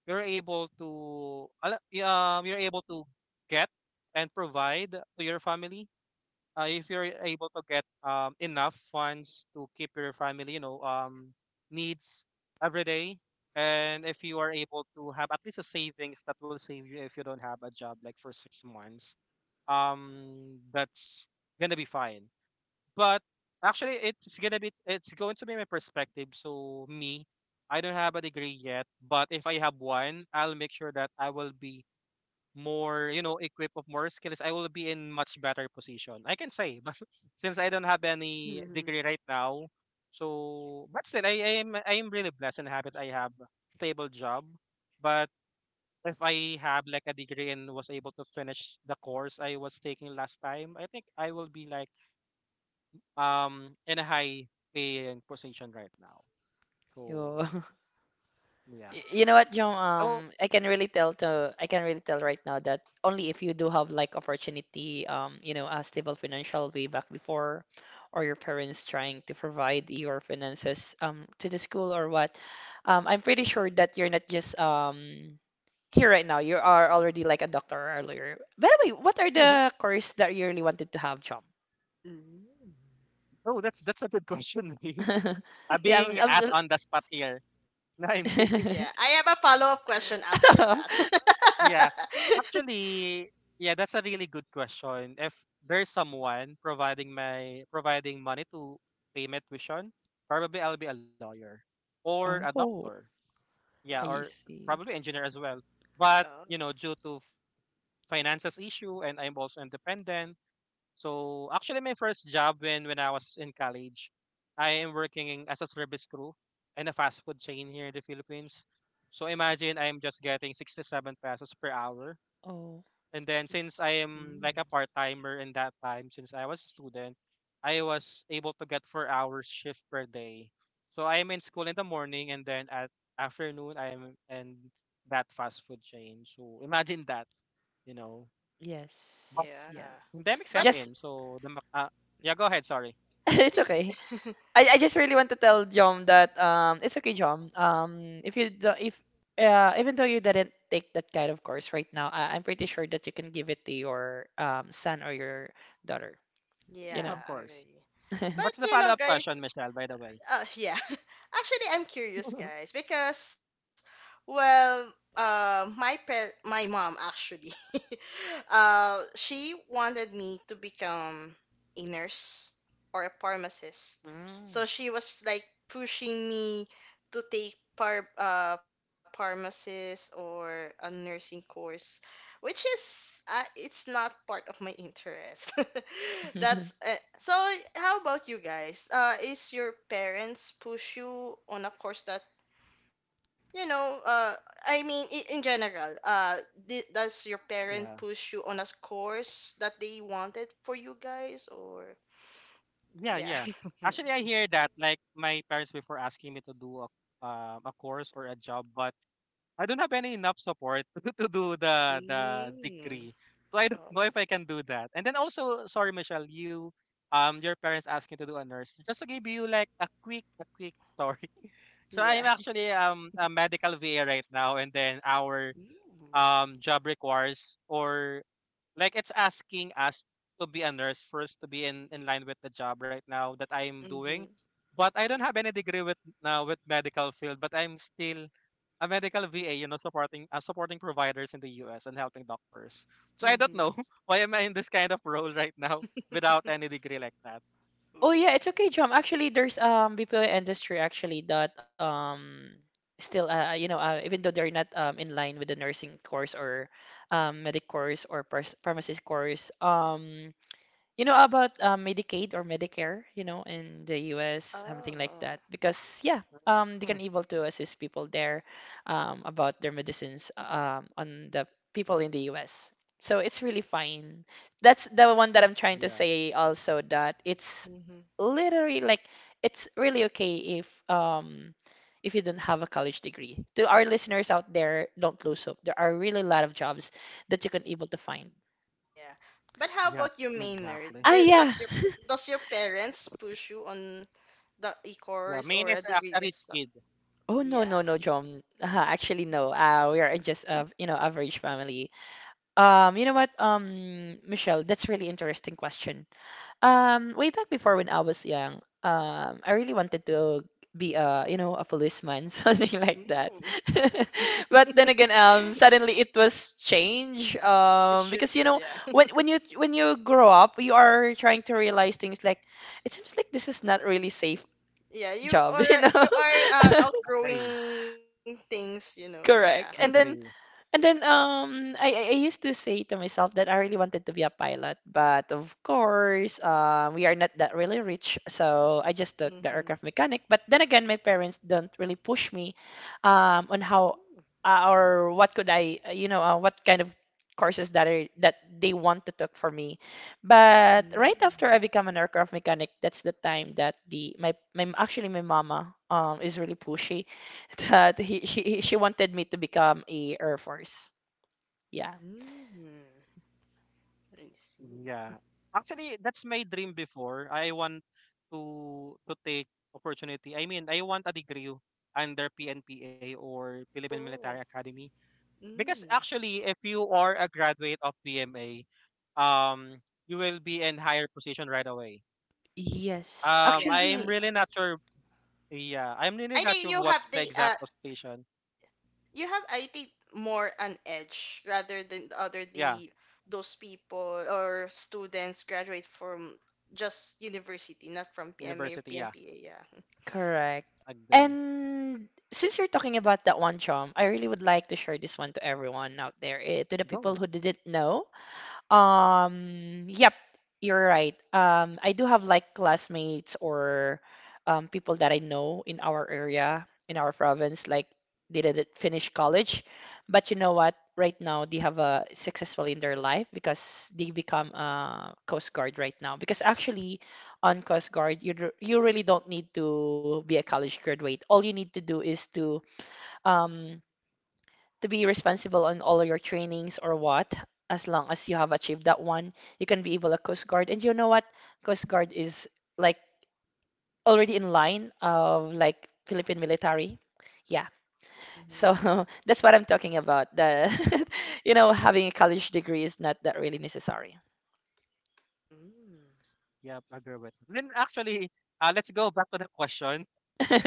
Speaker 1: you're able to al- y- um, you're able to get and provide to your family. Uh, if you're able to get um, enough funds to keep your family, you know, um, needs every day, and if you are able to have at least a savings that will save you if you don't have a job, like for six months, um, that's gonna be fine. But actually, it's gonna be it's going to be my perspective. So me, I don't have a degree yet, but if I have one, I'll make sure that I will be more, you know, equipped of more skills. I will be in much better position, I can say. But <laughs> since I don't have any degree right
Speaker 3: hmm
Speaker 1: now, so but still, I, I am I am really blessed and happy that I have stable job. But if I have like a degree and was able to finish the course I was taking last time, I think I will be like um in a high paying position right now. So
Speaker 2: Yo. <laughs>
Speaker 1: yeah.
Speaker 2: Y- You know
Speaker 3: Yeah.
Speaker 2: what, John?
Speaker 1: So
Speaker 2: Um, I can really tell to I can really tell right now that only if you do have like opportunity, um, you know, a stable financial way back before, or your parents trying to provide your finances um to the school or what. Um, I'm pretty sure that you're not just um here right now. You are already like a doctor or a lawyer. By the way, what are
Speaker 1: <laughs>
Speaker 2: the course that you really wanted to have, John?
Speaker 3: Mm.
Speaker 1: oh, that's that's a good question. <laughs> Being
Speaker 2: <laughs>
Speaker 1: uh,
Speaker 2: Yeah,
Speaker 1: being
Speaker 2: I'm,
Speaker 1: asked
Speaker 2: I'm...
Speaker 1: on the spot here. <laughs> No, I'm kidding.
Speaker 3: Yeah. I have a follow-up question
Speaker 1: Yeah.
Speaker 3: after
Speaker 2: <laughs>
Speaker 1: Yeah.
Speaker 3: that. <laughs>
Speaker 1: Actually, yeah, that's a really good question. If there's someone providing my providing money to pay my tuition, probably I'll be a lawyer or a doctor.
Speaker 2: Oh,
Speaker 1: Yeah, or
Speaker 2: I
Speaker 3: Mm.
Speaker 2: see.
Speaker 1: probably engineer as well. But, you know,
Speaker 3: Oh.
Speaker 1: due to f- finances issue, and I'm also independent, so actually, my first job when when I was in college, I am working as a service crew in a fast food chain here in the Philippines. So imagine I'm just getting sixty-seven pesos per hour.
Speaker 2: Oh.
Speaker 1: And then since
Speaker 3: Mm.
Speaker 1: I am like a
Speaker 3: Mm.
Speaker 1: part timer in that time, since I was a student, I was able to get four hours shift per day. So I am in school in the morning, and then at afternoon I am in that fast food chain. So imagine that, you know. But
Speaker 2: Yes.
Speaker 3: Yeah.
Speaker 2: Yeah.
Speaker 1: Pandemic I
Speaker 3: But
Speaker 2: Just
Speaker 1: in, so the Mac- uh, yeah, go ahead. Sorry.
Speaker 2: <laughs> it's okay.
Speaker 3: <laughs>
Speaker 2: I, I just really want to tell Jom that um it's okay, Jom. Um if you do, if uh even though you didn't take that kind of course right now, I, I'm pretty sure that you can give it to your um son or your daughter, you
Speaker 1: Of
Speaker 2: know.
Speaker 3: yeah, okay.
Speaker 1: course.
Speaker 3: But
Speaker 1: What's the
Speaker 3: you know,
Speaker 1: follow-up question,
Speaker 3: guys,
Speaker 1: Michelle, by the way?
Speaker 3: Uh, yeah. <laughs> Actually, I'm curious,
Speaker 1: <laughs>
Speaker 3: guys, because well, uh, my par- my mom actually, <laughs> uh, she wanted me to become a nurse or a pharmacist. So
Speaker 1: Mm,
Speaker 3: she was like pushing me to take par uh pharmacist or a nursing course, which is uh, it's not part of my interest. <laughs>
Speaker 2: <laughs>
Speaker 3: That's uh, so, how about you guys? Uh, is your parents push you on a course that you know? Uh, I mean, i- in general, uh, di- does your
Speaker 1: yeah.
Speaker 3: parent push you on a course that they wanted for you guys, or
Speaker 1: Yeah, yeah.
Speaker 3: yeah,
Speaker 1: Actually, I
Speaker 3: <laughs>
Speaker 1: hear that like my parents before asking me to do a um, a course or a job, but I don't have any enough support <laughs> to do the the
Speaker 3: Mm.
Speaker 1: degree. So I don't
Speaker 3: Oh.
Speaker 1: know if I can do that. And then also, sorry, Michelle, you um your parents asking to do a nurse. Just to give you like a quick a quick story. <laughs> So
Speaker 3: Yeah,
Speaker 1: I'm actually um a medical V A right now, and then our
Speaker 3: Mm.
Speaker 1: um job requires or like it's asking us to be a nurse first, to be in, in line with the job right now that I'm doing.
Speaker 3: Mm-hmm.
Speaker 1: But I don't have any degree with uh, with medical field, but I'm still a medical V A, you know, supporting uh, supporting providers in the U S and helping doctors. So I don't
Speaker 3: Mm-hmm.
Speaker 1: know <laughs> why am I in this kind of role right now without any
Speaker 3: <laughs>
Speaker 1: degree like that.
Speaker 2: Oh
Speaker 3: Ooh.
Speaker 2: yeah, it's okay, Jom. Actually, there's um B P O industry actually that um still uh you know uh, even though they're not um in line with the nursing course or um medic course or pars- pharmacist course um. You know about um, Medicaid or Medicare, you know, in the U S, something like
Speaker 3: Oh.
Speaker 2: that. Because yeah, um, they can
Speaker 1: Hmm.
Speaker 2: able to assist people there um, about their medicines um, on the people in the U S. So it's really fine. That's the one that I'm trying to
Speaker 1: Yeah.
Speaker 2: say also that it's
Speaker 3: Mm-hmm.
Speaker 2: literally like it's really okay if um if you don't have a college degree. To our listeners out there, don't lose hope. There are really a lot of jobs that you can able to find.
Speaker 3: Yeah. But how
Speaker 1: Yeah.
Speaker 3: about you, Maynard?
Speaker 1: Exactly.
Speaker 2: Ah,
Speaker 3: Do-
Speaker 2: yeah.
Speaker 3: Does your does your parents push you on the
Speaker 1: Yeah.
Speaker 3: e-course
Speaker 1: Main
Speaker 3: or a
Speaker 1: is a
Speaker 3: degree
Speaker 1: a
Speaker 3: to
Speaker 1: rich
Speaker 3: stuff?
Speaker 1: kid.
Speaker 2: Oh no
Speaker 3: Yeah.
Speaker 2: no no John. <laughs> Uh, actually no. Uh, we are just a you know average family. Um, you know what? Um, Michelle, that's really interesting question. Um, way back before when I was young, um, I really wanted to be a you know a policeman <laughs> something like that.
Speaker 3: Ooh. <laughs>
Speaker 2: <laughs> But then again, um, suddenly it was change.
Speaker 3: It
Speaker 2: Um, because you
Speaker 3: shifted,
Speaker 2: know
Speaker 3: yeah.
Speaker 2: when when you when you grow up, you are trying to realize things like it seems like this is not really safe
Speaker 3: Yeah, you
Speaker 2: job, <laughs> you
Speaker 3: are
Speaker 2: know.
Speaker 3: you
Speaker 2: <laughs>
Speaker 3: are uh,
Speaker 1: Agree.
Speaker 3: outgrowing things, you know. Yeah. <laughs>
Speaker 2: Correct. And then
Speaker 1: Agree.
Speaker 2: and then um I, I I used to say to myself that I really wanted to be a pilot, but of course, uh, we are not that really rich, so I just took the
Speaker 3: Mm-hmm.
Speaker 2: aircraft mechanic. But then again, my parents don't really push me um on
Speaker 3: Oh.
Speaker 2: how uh, or what could I, uh, you know, uh, what kind of courses that are that they want to take for me.
Speaker 3: Mm.
Speaker 2: But right after I become an aircraft mechanic, that's the time that the my my actually my mama um is really pushy <laughs> that he she she wanted me to become a Air Force. Yeah.
Speaker 3: Mm. I see.
Speaker 1: Yeah. Actually, that's my dream before. I want to to take opportunity. I mean, I want a degree under P N P A or Philippine Military
Speaker 3: Oh.
Speaker 1: Academy because
Speaker 3: Mm.
Speaker 1: actually if you are a graduate of P M A, um you will be in higher position right away.
Speaker 2: Yes,
Speaker 1: Um
Speaker 3: Yeah.
Speaker 1: I'm
Speaker 2: actually,
Speaker 1: really not sure, yeah, I'm really
Speaker 3: I
Speaker 1: not
Speaker 3: think
Speaker 1: sure
Speaker 3: you have
Speaker 1: what's the
Speaker 3: the uh
Speaker 1: exact position.
Speaker 3: you have I think more an edge rather than the other the
Speaker 1: Yeah,
Speaker 3: those people or students graduate from just university, not from P M A or
Speaker 1: university, yeah.
Speaker 3: P N P A. Yeah.
Speaker 2: correct.
Speaker 1: Agree.
Speaker 2: And since you're talking about that one, Chom, I really would like to share this one to everyone out there, eh, to the people
Speaker 1: Go.
Speaker 2: who didn't know. Um, yep, you're right. Um, I do have like classmates or um, people that I know in our area, in our province, like they didn't finish college, but you know what? Right now they have a successful in their life because they become a Coast Guard right now. Because actually, on Coast Guard, you d- you really don't need to be a college graduate. All you need to do is to um to be responsible on all your trainings or what. As long as you have achieved that one, you can be able to Coast Guard. And you know what? Coast Guard is like already in line of like Philippine military. Yeah. So <laughs> that's what I'm talking about. The <laughs> you know, having a college degree is not that really necessary. <laughs>
Speaker 3: Mm-hmm.
Speaker 1: Yeah, agree with. Then actually, uh, let's go back to the question.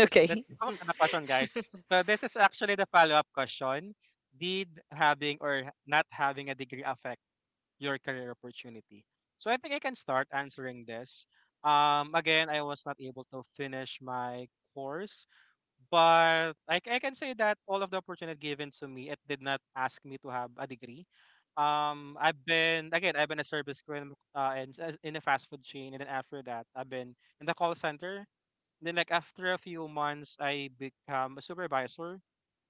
Speaker 1: Oh, let's go to
Speaker 3: Mm.
Speaker 1: the question, guys.
Speaker 3: <laughs>
Speaker 1: So this is actually the follow-up question. Did having or not having a degree affect your career opportunity? So I think I can start answering this. Um, again, I was not able to finish my course, but I, c- I can say that all of the opportunity given to me, it did not ask me to have a degree. Um, I've been again, I've been a service crew in, uh, in, in a fast food chain, and then after that, I've been in the call center, then like after a few months, I become a supervisor.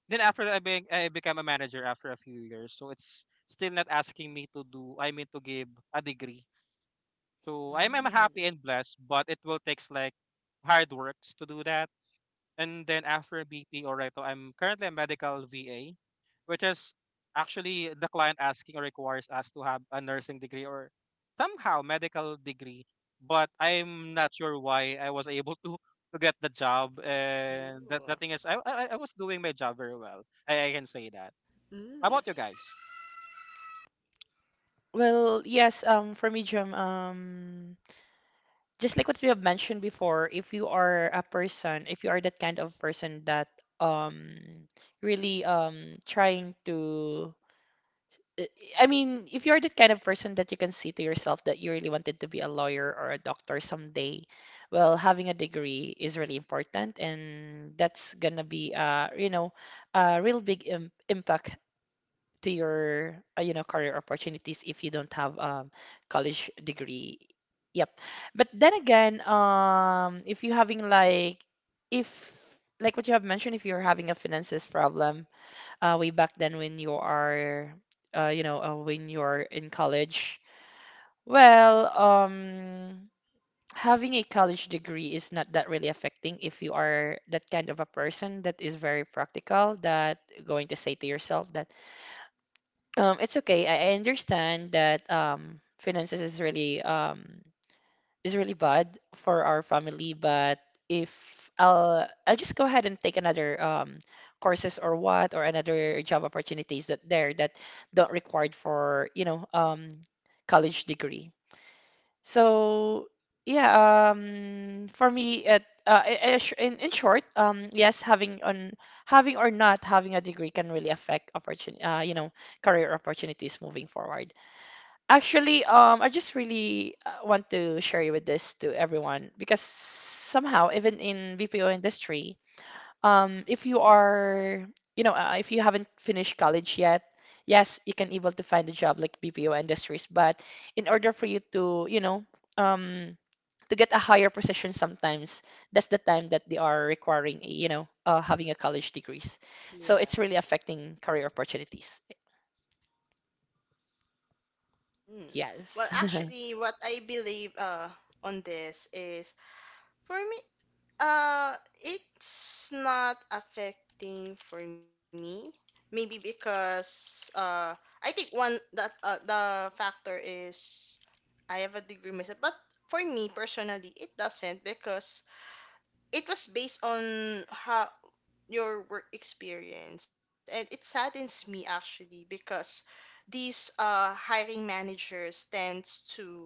Speaker 1: Then after that, I, be- I become a manager after a few years. So it's still not asking me to do. I mean to give a degree. So I'm I'm happy
Speaker 3: Mm.
Speaker 1: and blessed, but it will takes like hard works to do that. And then after B P or Reto, I'm currently a medical V A, which is actually the client asking or requires us to have a nursing degree or somehow medical degree. But I'm not sure why I was able <laughs> to to get the job. And the, the thing
Speaker 3: Ooh.
Speaker 1: is, I, I I was doing my job very well. I, I can say that. How about you
Speaker 3: Mm.
Speaker 1: guys?
Speaker 2: Well, yes, um, for me, um, just like what we have mentioned before, if you are a person, if you are that kind of person that um really um trying to I I mean, if you're that kind of person that you can see to yourself that you really wanted to be a lawyer or a doctor someday, well, having a degree is really important, and that's gonna be uh, you know, a real big im impact to your uh, you know career opportunities if you don't have um college degree. Yep. But then again, um if you having like if like what you have mentioned if you're having a finances problem uh way back then when you are uh you know uh, when you're in college, well, um having a college degree is not that really affecting if you are that kind of a person that is very practical that going to say to yourself that um, it's okay. I I understand that um, finances is really um, is really bad for our family, but if I'll I'll just go ahead and take another um, courses or what or another job opportunities that there that don't required for you know um, college degree. So yeah, um, for me, it uh, I- I- sh- in in short, um, yes, having on having or not having a degree can really affect opportunity, uh, you know, career opportunities moving forward. Actually, um, I just really uh, want to share you with this to everyone because somehow, even in B P O industry, um, if you are, you know, uh, if you haven't finished college yet, yes, you can able to find a job like B P O industries, but in order for you to, you know, um, to get a higher position sometimes, that's the time that they are requiring, you know, uh, having a college degrees. So it's really
Speaker 3: Yeah.
Speaker 2: affecting career opportunities.
Speaker 3: Mm. Well,
Speaker 2: Yes. <laughs>
Speaker 3: actually, what I believe uh on this is for me, Uh, it's not affecting for me. Maybe because uh, I think one that uh, the factor is I have a degree myself. But for me personally, it doesn't, because it was based on how your work experience. And it saddens me actually, because these uh hiring managers tends to,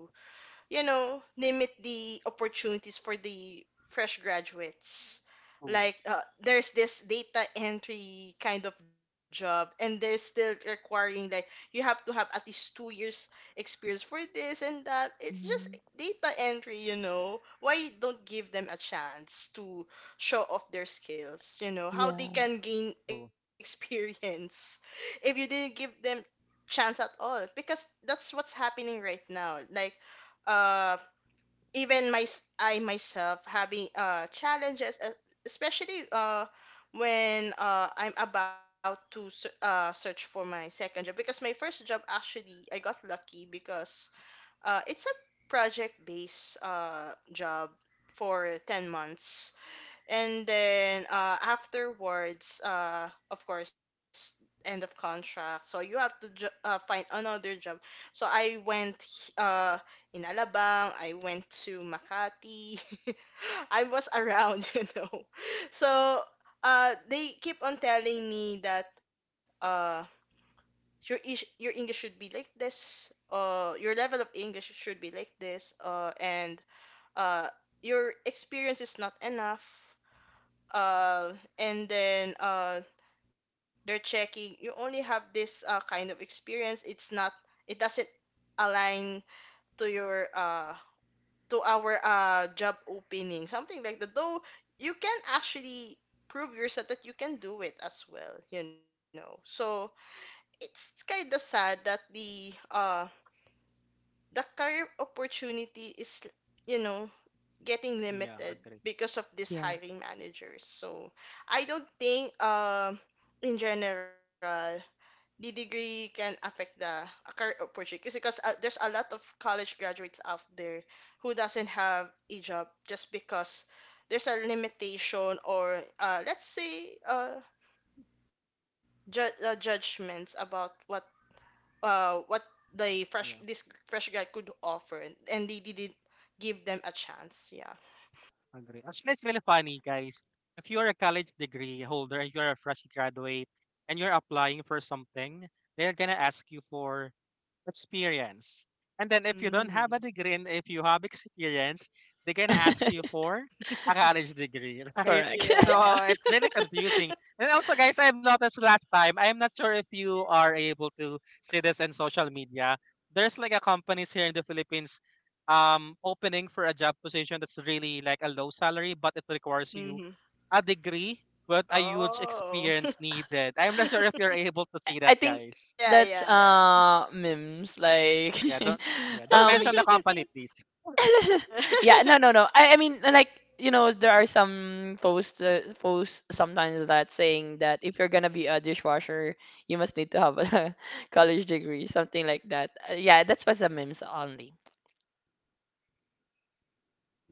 Speaker 3: you know, limit the opportunities for the fresh graduates.
Speaker 1: Oh,
Speaker 3: Like uh, there's this data entry kind of job, and they're still requiring like you have to have at least two years experience for this and that. It's just
Speaker 2: Mhm.
Speaker 3: data entry, you know. Why don't give them a chance to show off their skills? You know how they
Speaker 2: Yeah,
Speaker 3: can gain <laughs>
Speaker 1: oh,
Speaker 3: experience if you didn't give them chance at all because that's what's happening right now like uh even my I myself having uh challenges, uh, especially uh when uh I'm about to s- uh search for my second job because my first job actually I got lucky because uh it's a project based uh job for ten months, and then uh, afterwards, uh, of course end of contract, so you have to jo- uh, find another job. So I went, uh, in Alabang, I went to Makati. <laughs> I was around, <laughs> you know. So uh, they keep on telling me that uh, your, ish- your English should be like this, uh, your level of English should be like this, uh, and uh, your experience is not enough, uh, and then uh, they're checking you only have this, uh, kind of experience, it's not, it doesn't align to your, uh, to our, uh, job opening, something like that, though you can actually prove yourself that you can do it as well, you know. So it's kind of sad that the uh, the career opportunity is, you know, getting
Speaker 1: yeah,
Speaker 3: limited
Speaker 1: agree.
Speaker 3: because of these
Speaker 2: yeah.
Speaker 3: hiring managers. So I don't think um in general the degree can affect the a career opportunity because, uh, there's a lot of college graduates out there who doesn't have a job just because there's a limitation or, uh, let's say, uh, ju- uh, judgments about what, uh, what the fresh this fresh guy could offer, and they didn't give them a chance, yeah.
Speaker 1: Agree. Actually, it's really funny, guys. If you're a college degree holder and you're a fresh graduate and you're applying for something, they're gonna ask you for experience. And then if you don't have
Speaker 3: Mm.
Speaker 1: a degree and if you have experience, they're gonna ask you for a college degree, <laughs> right?
Speaker 2: Correct.
Speaker 1: So
Speaker 3: Yeah.
Speaker 1: it's really confusing. And also, guys, I've noticed last time, I'm not sure if you are able to see this in social media. There's like a companies here in the Philippines um opening for a job position that's really like a low salary, but it requires
Speaker 3: <laughs>
Speaker 1: you
Speaker 3: Hmm.
Speaker 1: a degree, but a huge
Speaker 3: Oh.
Speaker 1: experience
Speaker 3: <laughs>
Speaker 1: needed. I'm not sure if you're able to see
Speaker 2: <laughs> I
Speaker 1: that,
Speaker 2: think
Speaker 1: guys.
Speaker 3: Yeah,
Speaker 2: that's
Speaker 3: yeah, yeah.
Speaker 2: uh memes like
Speaker 1: Yeah, don't
Speaker 2: <laughs>
Speaker 1: yeah, don't
Speaker 2: um
Speaker 1: mention the company,
Speaker 3: <laughs>
Speaker 1: please.
Speaker 2: <laughs>
Speaker 3: Yeah.
Speaker 2: Yeah, no,
Speaker 3: <laughs>
Speaker 2: no, no. I, I mean, like, you know, there are some posts, uh, posts sometimes that saying that if you're gonna be a dishwasher, you must need to have a <laughs> college degree, something like that. Uh, yeah, that's was a memes only.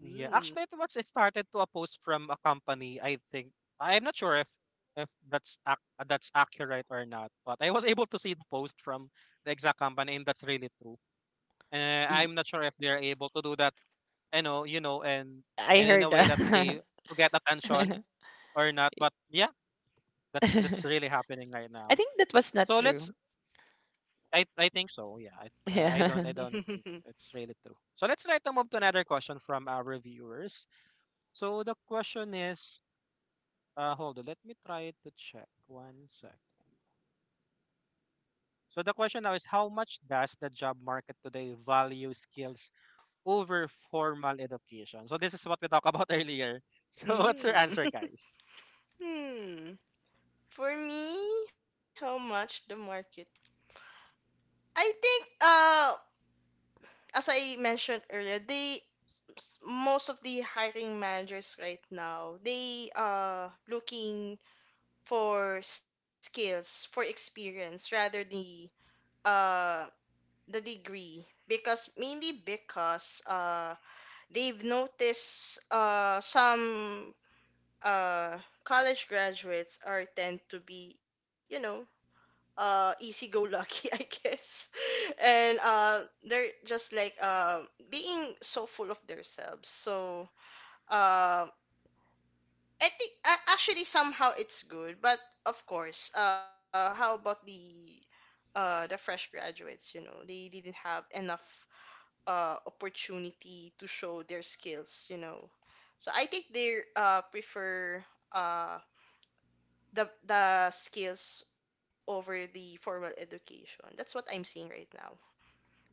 Speaker 1: Yeah, actually, it was started to a post from a company. I think I'm not sure if if that's ac- uh, that's accurate or not, but I was <laughs> able to see the post from the exact company, and that's really true. And
Speaker 2: Y-
Speaker 1: I'm not sure if they're able to do that, you know, you know, and
Speaker 2: I
Speaker 1: and in a
Speaker 2: heard
Speaker 1: way that they
Speaker 2: that.
Speaker 1: to get
Speaker 2: <laughs>
Speaker 1: attention or not. But yeah, that's that's really
Speaker 2: I
Speaker 1: happening right now.
Speaker 2: think that was not
Speaker 1: So let's,
Speaker 2: true.
Speaker 1: I I think so. Yeah. I
Speaker 2: <laughs>
Speaker 1: I I don't, I
Speaker 2: Yeah.
Speaker 1: don't think
Speaker 3: Yeah. <laughs>
Speaker 1: it's really true. So let's try to move to another question from our viewers. So the question is, uh, hold on. Let me try to check one second. So the question now is, how much does the job market today value skills over formal education? So this is what we talked about <laughs> earlier. So what's your
Speaker 3: Hmm.
Speaker 1: answer, guys?
Speaker 3: <laughs> Hmm. For me, how much the market? I think uh as I mentioned earlier, they s- most of the hiring managers right now, they are looking for skills, for experience rather the uh the degree, because mainly because uh they've noticed uh some uh college graduates are tend to be, you know, uh easy go lucky, <laughs> I guess, and uh they're just like uh being so full of themselves. So uh I think, uh, actually somehow it's good, but of course uh how about the uh the fresh graduates, you know, they didn't have enough uh, opportunity to show their skills, you know. So I think they, uh, prefer, uh, the the skills over the formal education. That's what I'm seeing right now.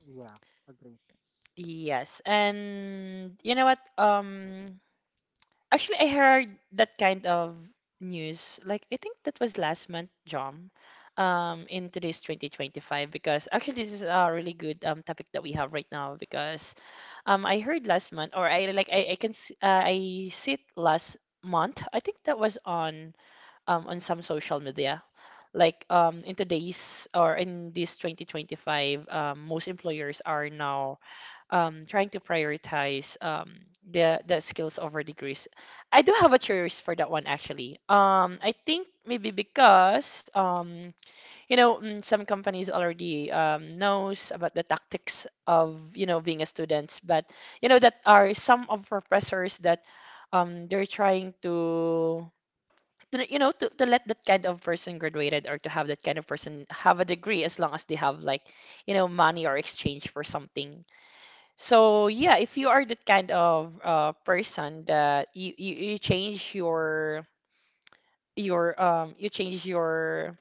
Speaker 1: Yeah, agree.
Speaker 2: Yes, and you know what? Um, Actually, I heard that kind of news. Like, I think that was last month, John, um, in today's twenty twenty-five, because actually this is a really good um topic that we have right now because um I heard last month or I like I, I can s- uh, I see it last month. I think that was on um on some social media. Like um in today's or in this twenty twenty-five, um, most employers are now um, trying to prioritize um, the the skills over degrees. I do have a choice for that one actually. Um, I think maybe because um, you know mm, some companies already um, knows about the tactics of you know being a student. But you know that are some of professors that um, they're trying to to, you know to, to let that kind of person graduated, or to have that kind of person have a degree as long as they have like you know money or exchange for something. So yeah, if you are that kind of uh, person that you, you you change your your um you change your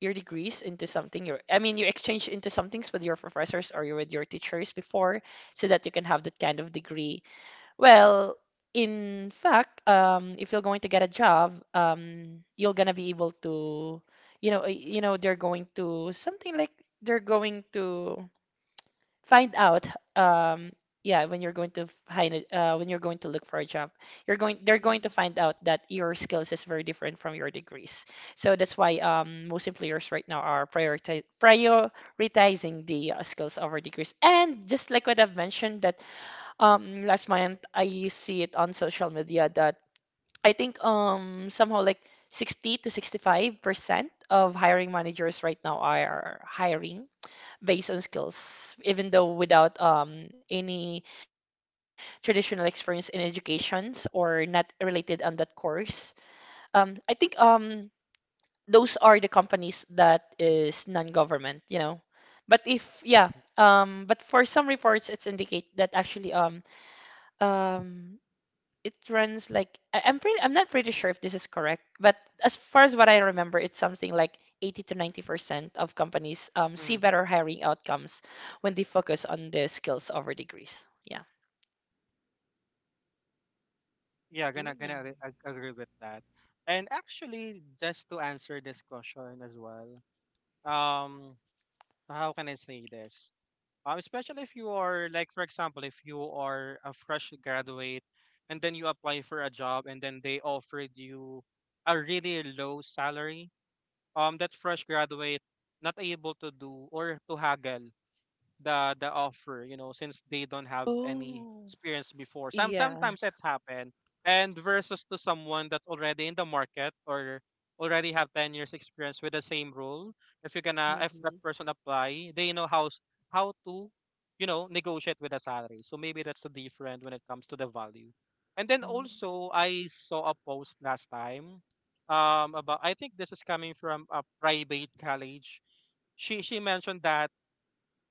Speaker 2: your degrees into something, your I mean you exchange into somethings with your professors, or you with your teachers before, so that you can have that kind of degree. Well, in fact, um, if you're going to get a job, um, you're gonna be able to you know uh, you know they're going to something like they're going to find out um yeah, when you're going to f- hide it, uh, when you're going to look for a job, you're going they're going
Speaker 3: Mm-hmm.
Speaker 2: to find out that your skills is very different from your degrees. So that's why um most employers right now are prioritize, prioritizing the uh, skills over degrees. And just like what I've mentioned, that um last month I see it on social media that I think um somehow like sixty to sixty-five percent of hiring managers right now are hiring based on skills, even though without um, any traditional experience in educations or not related on that course. Um, I think um, those are the companies that is non-government, you know. But if yeah, um, but for some reports, it's indicate that actually um, um, it runs like I- I'm pretty I'm not pretty sure if this is correct, but as far as what I remember, it's something like eighty to ninety percent of companies um, see
Speaker 1: Hmm.
Speaker 2: better hiring outcomes when they focus on the skills over degrees. Yeah.
Speaker 1: Yeah, gonna gonna agree, ag- agree with that. And actually, just to answer this question as well, um, how can I say this? Um, especially if you are like, for example, if you are a fresh graduate and then you apply for a job and then they offered you a really low salary, um, that fresh graduate not able to do or to haggle the the offer, you know, since they don't have any
Speaker 2: Oh,
Speaker 1: experience before, some,
Speaker 2: yeah.
Speaker 1: sometimes it happen. And versus to someone that's already in the market or already have ten years experience with the same role, if you're gonna, if that
Speaker 3: Mm-hmm.
Speaker 1: person apply, they know how s- how to, you know, negotiate with the salary. So maybe that's the different when it comes to the value. And then
Speaker 2: Mm.
Speaker 1: also, I saw a post last time um about, I think this is coming from a private college. She she mentioned that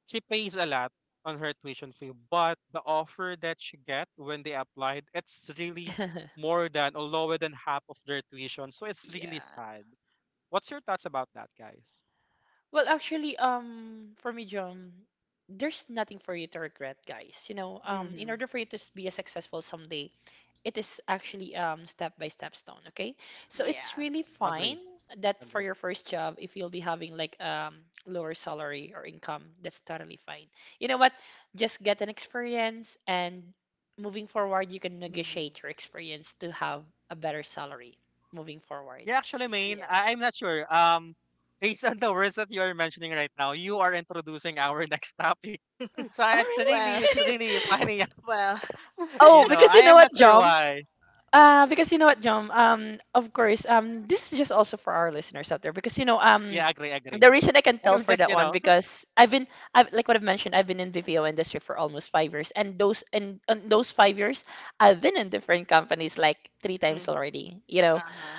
Speaker 1: she pays a lot on her tuition fee, but the offer that she get when they applied, it's really
Speaker 2: <laughs>
Speaker 1: more than or lower than half of their tuition. So it's really
Speaker 2: Yeah.
Speaker 1: sad. What's your thoughts about that, guys?
Speaker 2: Well, actually, um, for me, John, there's nothing for you to regret, guys. You know, um, in
Speaker 3: Mm-hmm.
Speaker 2: order for you to s- be a successful someday, it is actually um step by step stone, okay? So it's
Speaker 3: Yeah.
Speaker 2: really fine
Speaker 1: Agree.
Speaker 2: that for
Speaker 1: Agree.
Speaker 2: your first job, if you'll be having like um lower salary or income, that's totally fine. You know what? Just get an experience and moving forward, you can negotiate your
Speaker 3: Mm-hmm.
Speaker 2: experience to have a better salary moving forward.
Speaker 1: Yeah, actually, Maine, I-
Speaker 3: Yeah.
Speaker 1: I'm not sure. Um, based on the words that you are mentioning right now, you are introducing our <laughs> next topic. So
Speaker 2: Oh,
Speaker 1: it's
Speaker 3: Well,
Speaker 1: really, it's really
Speaker 2: really?
Speaker 1: funny.
Speaker 2: <laughs>
Speaker 3: <laughs>
Speaker 1: <laughs>
Speaker 3: well.
Speaker 1: You
Speaker 2: Oh,
Speaker 1: know,
Speaker 3: <laughs>
Speaker 2: because
Speaker 1: I
Speaker 2: you know
Speaker 1: am
Speaker 2: what,
Speaker 1: not sure
Speaker 2: John?
Speaker 1: why.
Speaker 2: Uh, because you know what, John, um, of course, um, this is just also for our listeners out there because you know, um,
Speaker 1: Yeah, agree, agree.
Speaker 2: the reason I can
Speaker 1: <laughs>
Speaker 2: tell
Speaker 1: I'm
Speaker 2: for
Speaker 1: just,
Speaker 2: that
Speaker 1: you
Speaker 2: one
Speaker 1: know.
Speaker 2: because I've been, I've like what I've mentioned, I've been in B P O industry for almost five years, and those and, and those five years, I've been in different companies like three times
Speaker 3: Mm-hmm.
Speaker 2: already. You know,
Speaker 3: Uh-huh.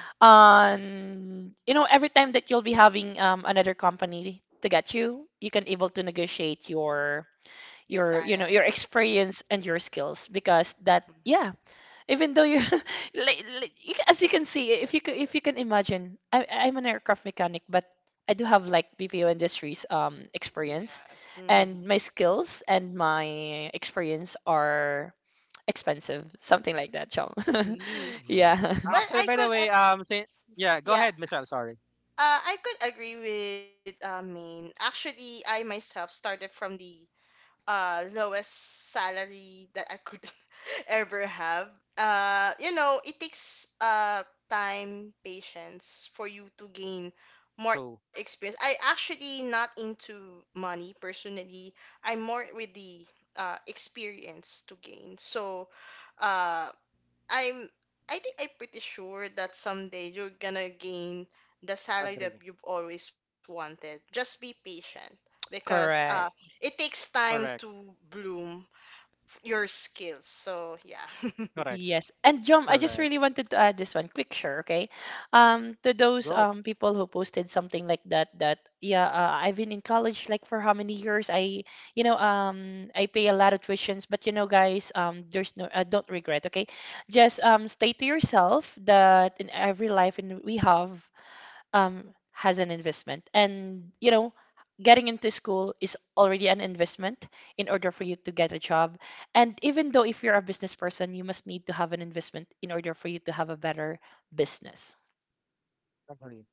Speaker 1: <laughs>
Speaker 2: on you know every time that you'll be having um another company to get you, you can able to negotiate your
Speaker 3: Your
Speaker 2: your you know
Speaker 3: salary.
Speaker 2: your experience and your skills because that yeah,
Speaker 3: Mm-hmm.
Speaker 2: even though you <laughs> like, like you, ca- as you can see, if you can, if you can imagine, I, I'm an aircraft mechanic, but I do have like B P O industries um experience,
Speaker 3: Yeah. Mm-hmm.
Speaker 2: and my skills and my experience are expensive, something like that, Chum. <laughs>
Speaker 3: Mm-hmm.
Speaker 1: Yeah.
Speaker 2: Yeah,
Speaker 3: Well,
Speaker 1: Actually,
Speaker 3: I
Speaker 1: by the
Speaker 3: could, uh,
Speaker 1: way, um, say, yeah, go
Speaker 3: yeah,
Speaker 1: ahead, Michelle. Sorry.
Speaker 3: uh, I could agree with, uh, Maine. Actually, I myself started from the, uh, lowest salary that I could <laughs> ever have. Uh, you know, it takes, uh, time, patience for you to gain more
Speaker 1: True.
Speaker 3: experience. I actually not into money personally. I'm more with the, uh, experience to gain. So, uh, I'm I think I'm pretty sure that someday you're gonna gain the salary that
Speaker 1: Agree.
Speaker 3: you've always wanted. Just be patient
Speaker 2: <laughs>
Speaker 3: because uh
Speaker 2: correct.
Speaker 3: it takes time
Speaker 1: Correct.
Speaker 3: to bloom f- your skills. So yeah. <laughs>
Speaker 1: Correct.
Speaker 2: Yes. And Jom, I just
Speaker 1: Correct.
Speaker 2: really wanted to add this one quick sure, okay? Um, to those
Speaker 1: Go.
Speaker 2: um people who posted something like that, that yeah, uh, I've been in college like for how many years? I, you know, um, I pay a lot of tuitions, but you know, guys, um, there's no, uh, don't regret, okay? Just um, stay to yourself that in every life and we have um, has an investment. And, you know, getting into school is already an investment in order for you to get a job. And even though if you're a business person, you must need to have an investment in order for you to have a better business.
Speaker 1: Agree.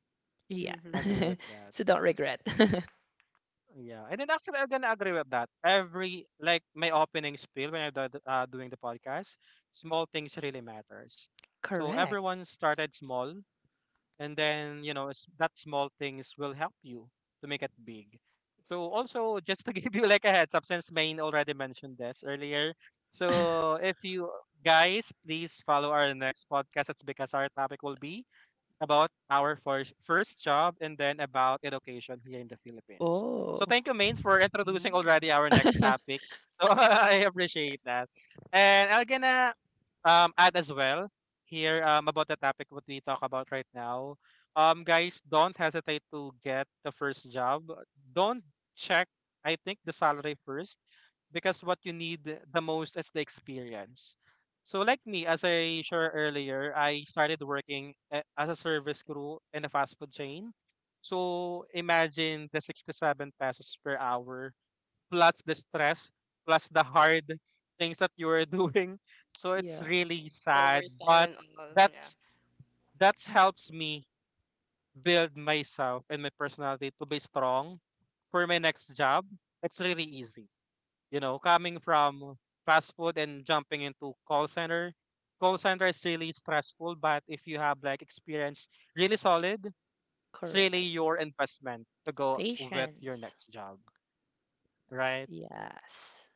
Speaker 2: Yeah.
Speaker 3: Mm-hmm.
Speaker 1: Agree
Speaker 2: <laughs>
Speaker 1: with that.
Speaker 2: So don't regret. <laughs>
Speaker 1: Yeah. And then actually, I'm gonna agree with that. Every like my opening spiel when I'm do- uh, doing the podcast, small things really matters. So
Speaker 2: Correct.
Speaker 1: everyone started small, and then you know s- that small things will help you to make it big. So also just to <laughs> give you like a heads up, since Main already mentioned this earlier, so if you guys please follow our next podcast, it's because our topic will be about our first, first job and then about education here in the Philippines. So
Speaker 2: Oh,
Speaker 1: thank you, Main, for introducing already our next
Speaker 2: <laughs>
Speaker 1: topic. So <laughs> I appreciate that. And I'm gonna um, add as well here um, about the topic what we talk about right now. Um, guys, don't hesitate to get the first job. Don't check, I think, the salary first because what you need the most is the experience. So, like me, as I shared earlier, I started working a- as a service crew in a fast food chain. So, imagine the sixty-seven pesos per hour plus the stress plus the hard things that you are doing. <laughs> So,
Speaker 2: yeah,
Speaker 1: it's really sad,
Speaker 3: Over time
Speaker 1: but
Speaker 3: and all, yeah.
Speaker 1: that's that helps me build myself and my personality to be strong for my next job. It's really easy, you know, coming from fast food and jumping into call center, call center is really stressful, but if you have like experience really solid, it's really
Speaker 2: correct.
Speaker 1: your investment to go with your
Speaker 2: Patience.
Speaker 1: next job, right?
Speaker 2: Yes.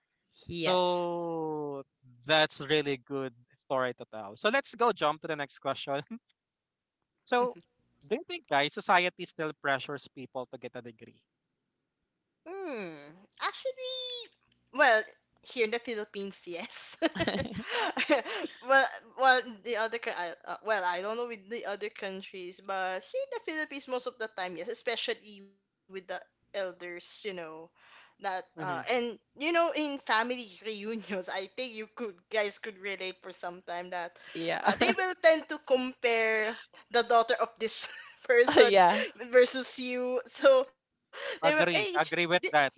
Speaker 2: Yes.
Speaker 1: So that's really good story to tell. So let's go jump to the next question. <laughs> So
Speaker 3: <laughs>
Speaker 1: do you think guys society still pressures people to get a degree?
Speaker 3: Hmm. Actually, well, here in the Philippines, yes.
Speaker 2: <laughs>
Speaker 3: <laughs> Well, well, the other coun- I- uh, well, I don't know with the other countries, but here in the Philippines, most of the time, yes, especially with the elders, you know, that uh,
Speaker 1: Hmm.
Speaker 3: and you know, in family <laughs> reunions, I think you could guys could relate for some time that,
Speaker 2: Yeah.
Speaker 3: uh, they will
Speaker 2: <laughs>
Speaker 3: tend to compare the daughter of this <laughs> person
Speaker 2: Yeah.
Speaker 3: versus you, so they will, hey,
Speaker 1: Agree, agree with
Speaker 3: yeah,
Speaker 1: that.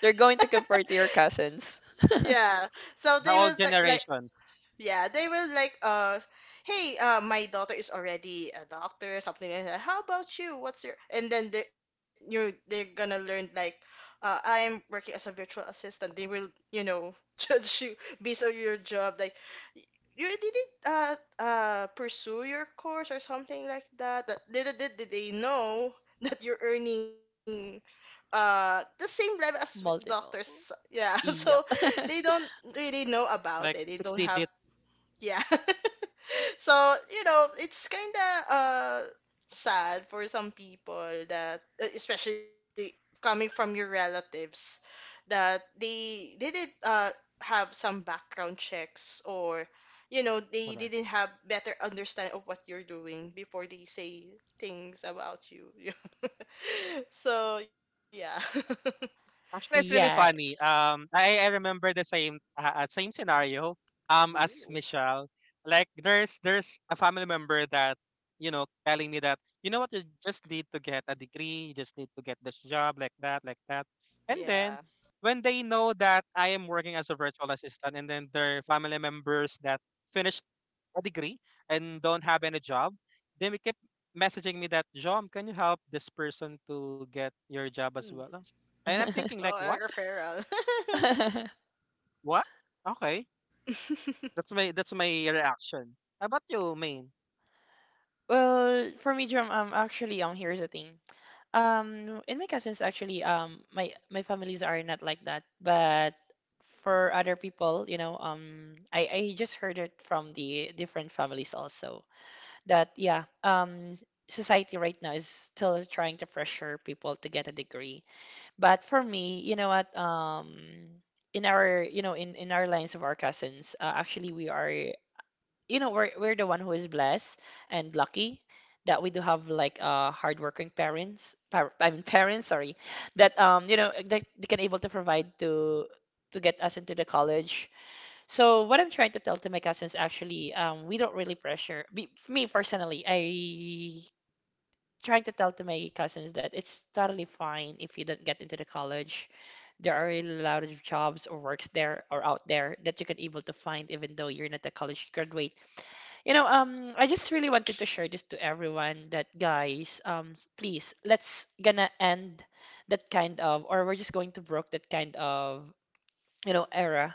Speaker 2: They're going to convert your cousins.
Speaker 3: yeah, so they
Speaker 1: The
Speaker 3: will
Speaker 1: old
Speaker 3: like, like
Speaker 1: generation,
Speaker 3: yeah, they will like, uh, hey, uh, my daughter is already a doctor, something like that, how about you, what's your, and then they you're they're gonna learn like, uh I'm working as a virtual assistant, they will, you know, <laughs> judge you based on your job, like you didn't uh uh pursue your course or something like that. That- little did did they know <laughs> that you're earning uh the same level as with doctors,
Speaker 2: Multiple.
Speaker 3: yeah. <laughs> So
Speaker 2: Yep.
Speaker 3: they don't really know about it,
Speaker 1: like
Speaker 3: they don't
Speaker 1: six
Speaker 3: have,
Speaker 1: digit.
Speaker 3: yeah. <laughs> So you know it's kind of, uh sad for some people that, uh, especially coming from your relatives, that they they didn't uh have some background checks, or you know they didn't have better understanding of what you're doing before they say things about you. <laughs> So yeah. <laughs>
Speaker 1: Actually, it's really funny.
Speaker 2: Yes.
Speaker 1: Um, I, I remember the same uh, uh, same scenario. Um, as
Speaker 3: Ooh.
Speaker 1: Michelle, like there's there's a family member that, you know, telling me that, you know what, you just need to get a degree, you just need to get this job like that, like that. And then
Speaker 3: Yeah.
Speaker 1: when they know that I am working as a virtual assistant, and then their family members that finished a degree and don't have any job, they keep messaging me that John, can you help this person to get your job as well?
Speaker 3: Mm.
Speaker 1: And I'm thinking like,
Speaker 3: Oh,
Speaker 1: what?
Speaker 3: Agrifera.
Speaker 2: <laughs>
Speaker 1: What? Okay.
Speaker 3: <laughs>
Speaker 1: That's my that's my reaction. How about you, Main?
Speaker 2: Well, for me, Jerome, um, actually, um, here's the thing. Um, in my cousins, actually, um, my my families are not like that, but for other people, you know, um, I I just heard it from the different families also that yeah, um, society right now is still trying to pressure people to get a degree, but for me, you know what, um. In our, you know, in, in our lines of our cousins, uh, actually we are you know we're we're the one who is blessed and lucky that we do have like uh hardworking parents par I mean <laughs> parents, sorry, that um you know that they can able to provide to to get us into the college. So what I'm trying to tell to my cousins actually um we don't really pressure be, me personally I trying to tell to my cousins that it's totally fine if you don't get into the college. There are a lot of jobs or works there or out there that you can able to find even though you're not a college graduate, you know. um, I just really wanted to share this to everyone that guys, um, s- please, let's gonna end that kind of, or we're just going to broke that kind of, you know, era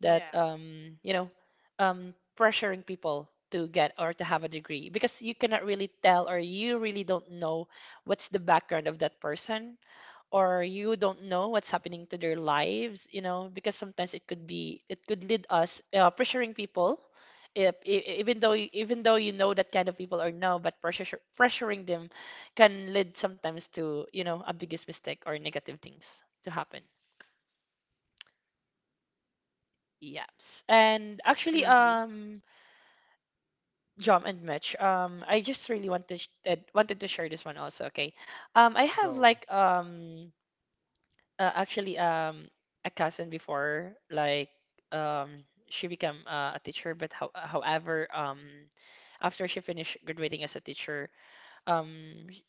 Speaker 2: that,
Speaker 3: Yeah.
Speaker 2: um, you know, um, pressuring people to get or to have a degree, because you cannot really tell or you really don't know what's the background of that person, or you don't know what's happening to their lives, you know, because sometimes it could be it could lead us uh, pressuring people, if, e- e, even though you- even though you know that kind of people or no, but pressure pressuring them can lead sometimes to you know a biggest mistake or negative things to happen. Yes, and actually,
Speaker 3: Mm-hmm.
Speaker 2: um, John and Mitch, um, I just really wanted sh- uh, wanted to share this one also. Okay, um, I have
Speaker 1: Go.
Speaker 2: like um uh, actually um a cousin before like um she became uh, a teacher, but how, however um after she finished graduating as a teacher um sh-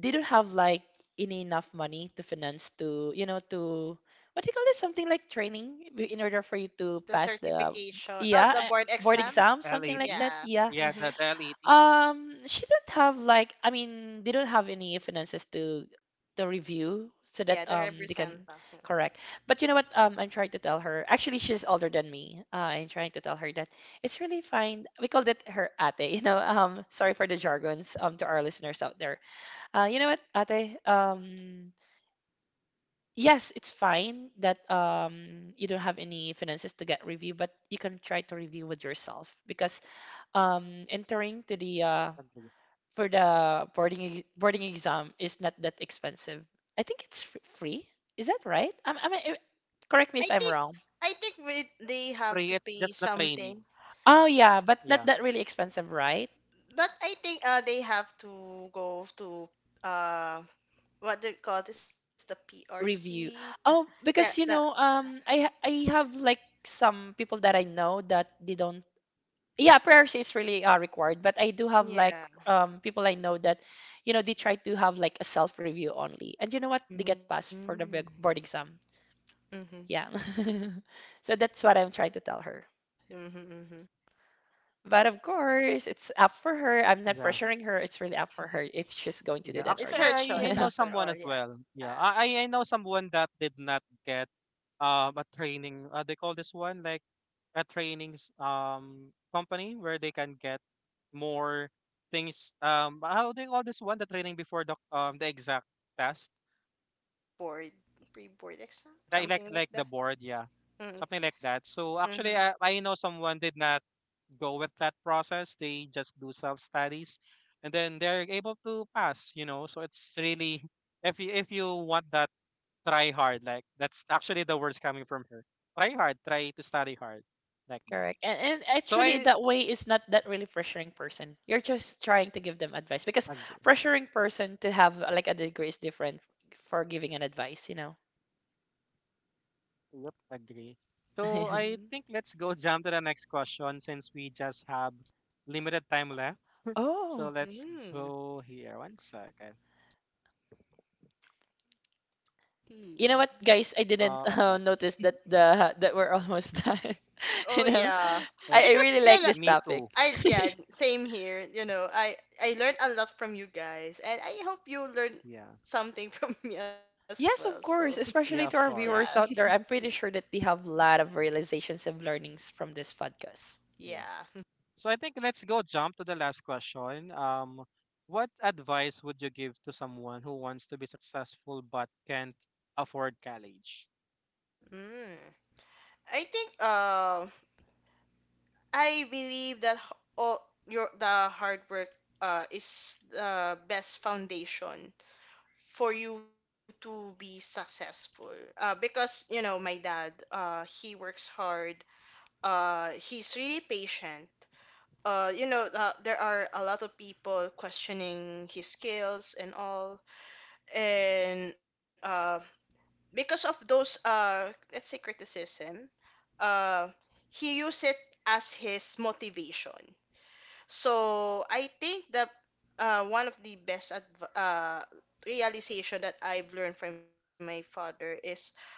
Speaker 2: they don't have like any enough money to finance to you know to what do you call this, something like training w- in order for you to
Speaker 3: The
Speaker 2: pass the
Speaker 3: certification. Oh,
Speaker 2: yeah,
Speaker 3: the
Speaker 2: uh,
Speaker 3: board
Speaker 2: board
Speaker 3: exams.
Speaker 2: exam, something like
Speaker 1: L eighty?
Speaker 2: that,
Speaker 3: Yeah.
Speaker 2: yeah.
Speaker 1: Yeah,
Speaker 3: Mm-hmm.
Speaker 1: the, the L eighty.
Speaker 2: Um, she don't have like I mean they don't have any finances to the review so
Speaker 3: Yeah,
Speaker 2: that
Speaker 3: the
Speaker 2: um they can,
Speaker 3: representa.
Speaker 2: correct. But you know what? Um, I'm trying to tell her. Actually, she's older than me. Uh, I'm trying to tell her that it's really fine. We call that her ate. <laughs> You know. Um, sorry for the jargons. Um, to our listeners out there. Uh, you know what, ate? Um. Yes, it's fine that um, you don't have any finances to get review, but you can try to review with yourself because um, entering to the uh,
Speaker 1: Agree.
Speaker 2: for the boarding ex- boarding exam is not that expensive. I think it's fr- free. Is that right? I'm, I'm, I- correct me
Speaker 3: I
Speaker 2: if I'm
Speaker 3: think
Speaker 2: wrong.
Speaker 3: I think we, they
Speaker 1: It's
Speaker 3: have
Speaker 1: free.
Speaker 3: to
Speaker 1: It's
Speaker 3: pay
Speaker 1: just the training.
Speaker 3: something,
Speaker 2: Oh yeah, but not
Speaker 1: Yeah.
Speaker 2: that really expensive, right?
Speaker 3: but I think uh they have to go to, uh what they call this, the P R C.
Speaker 2: Review. Oh,
Speaker 3: Yeah, the
Speaker 2: because you know, um, I ha- I have like some people that I know that they don't. Yeah, prayers is really uh, required, but I do have like
Speaker 3: yeah.
Speaker 2: um people I know that, you know, they try to have like a self review only, and you know what? They get passed
Speaker 3: Mm.
Speaker 2: for the big board exam.
Speaker 3: Mm-hmm. Mm-hmm,
Speaker 2: Yeah. <laughs> So that's what I'm trying to tell her.
Speaker 3: mm-hmm.
Speaker 2: But of course, it's up for her. I'm not
Speaker 1: Yeah.
Speaker 2: pressuring her. It's really up for her if she's going to do
Speaker 1: Yeah.
Speaker 2: that or
Speaker 3: It's
Speaker 1: Actually,
Speaker 3: her
Speaker 1: I, I
Speaker 3: choice
Speaker 1: know
Speaker 2: not. <laughs>
Speaker 3: after
Speaker 1: someone
Speaker 3: all.
Speaker 1: as well.
Speaker 3: Yeah.
Speaker 1: Yeah. I, I I know someone that did not get um a training. Uh, they call this one like a trainings um company where they can get more things. Um, how they call this one? The training before the um the exact test,
Speaker 3: pre-board pre-board exam,
Speaker 1: like like
Speaker 3: something like
Speaker 1: like the
Speaker 3: that.
Speaker 1: board, yeah.
Speaker 3: Mm,
Speaker 1: Something like that. So actually,
Speaker 3: mm-hmm.
Speaker 1: I, I know someone did not go with that process. They just do self studies, and then they're able to pass. You know, so it's really <laughs> if you, if you want that, try hard. Like that's actually the words coming from her. Try hard. Try to study hard, like that.
Speaker 2: Correct. And, and
Speaker 1: So
Speaker 2: actually,
Speaker 1: I
Speaker 2: that way is not that really pressuring person. You're just trying to give them advice because
Speaker 1: agree.
Speaker 2: pressuring person to have uh, like a degree is different for giving an advice, you know.
Speaker 1: Yep, agree. So I
Speaker 2: <laughs>
Speaker 3: Hmm.
Speaker 1: think let's go <laughs> jump to the next question since we just have limited time left. So
Speaker 2: Oh,
Speaker 1: let's
Speaker 3: Hmm.
Speaker 1: go here. One second.
Speaker 2: you know what,
Speaker 3: Hmm.
Speaker 2: guys? I
Speaker 1: Uh,
Speaker 2: didn't <laughs>
Speaker 1: okay.
Speaker 2: uh, notice that the that we're almost done. <laughs> You
Speaker 3: Oh
Speaker 2: know,
Speaker 3: yeah,
Speaker 1: Eh,
Speaker 2: I, I
Speaker 3: because
Speaker 2: really
Speaker 3: you
Speaker 2: like
Speaker 3: know,
Speaker 1: me
Speaker 2: this
Speaker 1: too.
Speaker 2: topic.
Speaker 3: I, yeah, same here. You know, I I learned a lot from you guys, and I hope you learn
Speaker 1: Yeah.
Speaker 3: something <laughs> from me as well.
Speaker 2: Yes,
Speaker 3: So
Speaker 2: of course,
Speaker 1: Yeah,
Speaker 2: especially
Speaker 1: of
Speaker 2: to our
Speaker 3: yeah. <laughs>
Speaker 2: viewers
Speaker 1: course.
Speaker 2: out there.
Speaker 3: Mm.
Speaker 2: I'm pretty sure that they have a lot of realizations and learnings from this podcast.
Speaker 1: Yeah.
Speaker 3: Yeah.
Speaker 1: So I think let's go jump to the last question. Um, what advice would you give to someone who wants to be successful but can't afford college?
Speaker 3: Mm. I think, uh, I believe that h- all your the hard work uh is the best foundation for you to be successful, uh, because you know my dad, uh, he works hard, uh, he's really patient, uh, you know, uh, there are a lot of people questioning his skills and all, and, uh, because of those, uh, let's say, criticism, uh, he used it as his motivation. So I think that, uh, one of the best adv- uh, realization that I've learned from my father is, uh,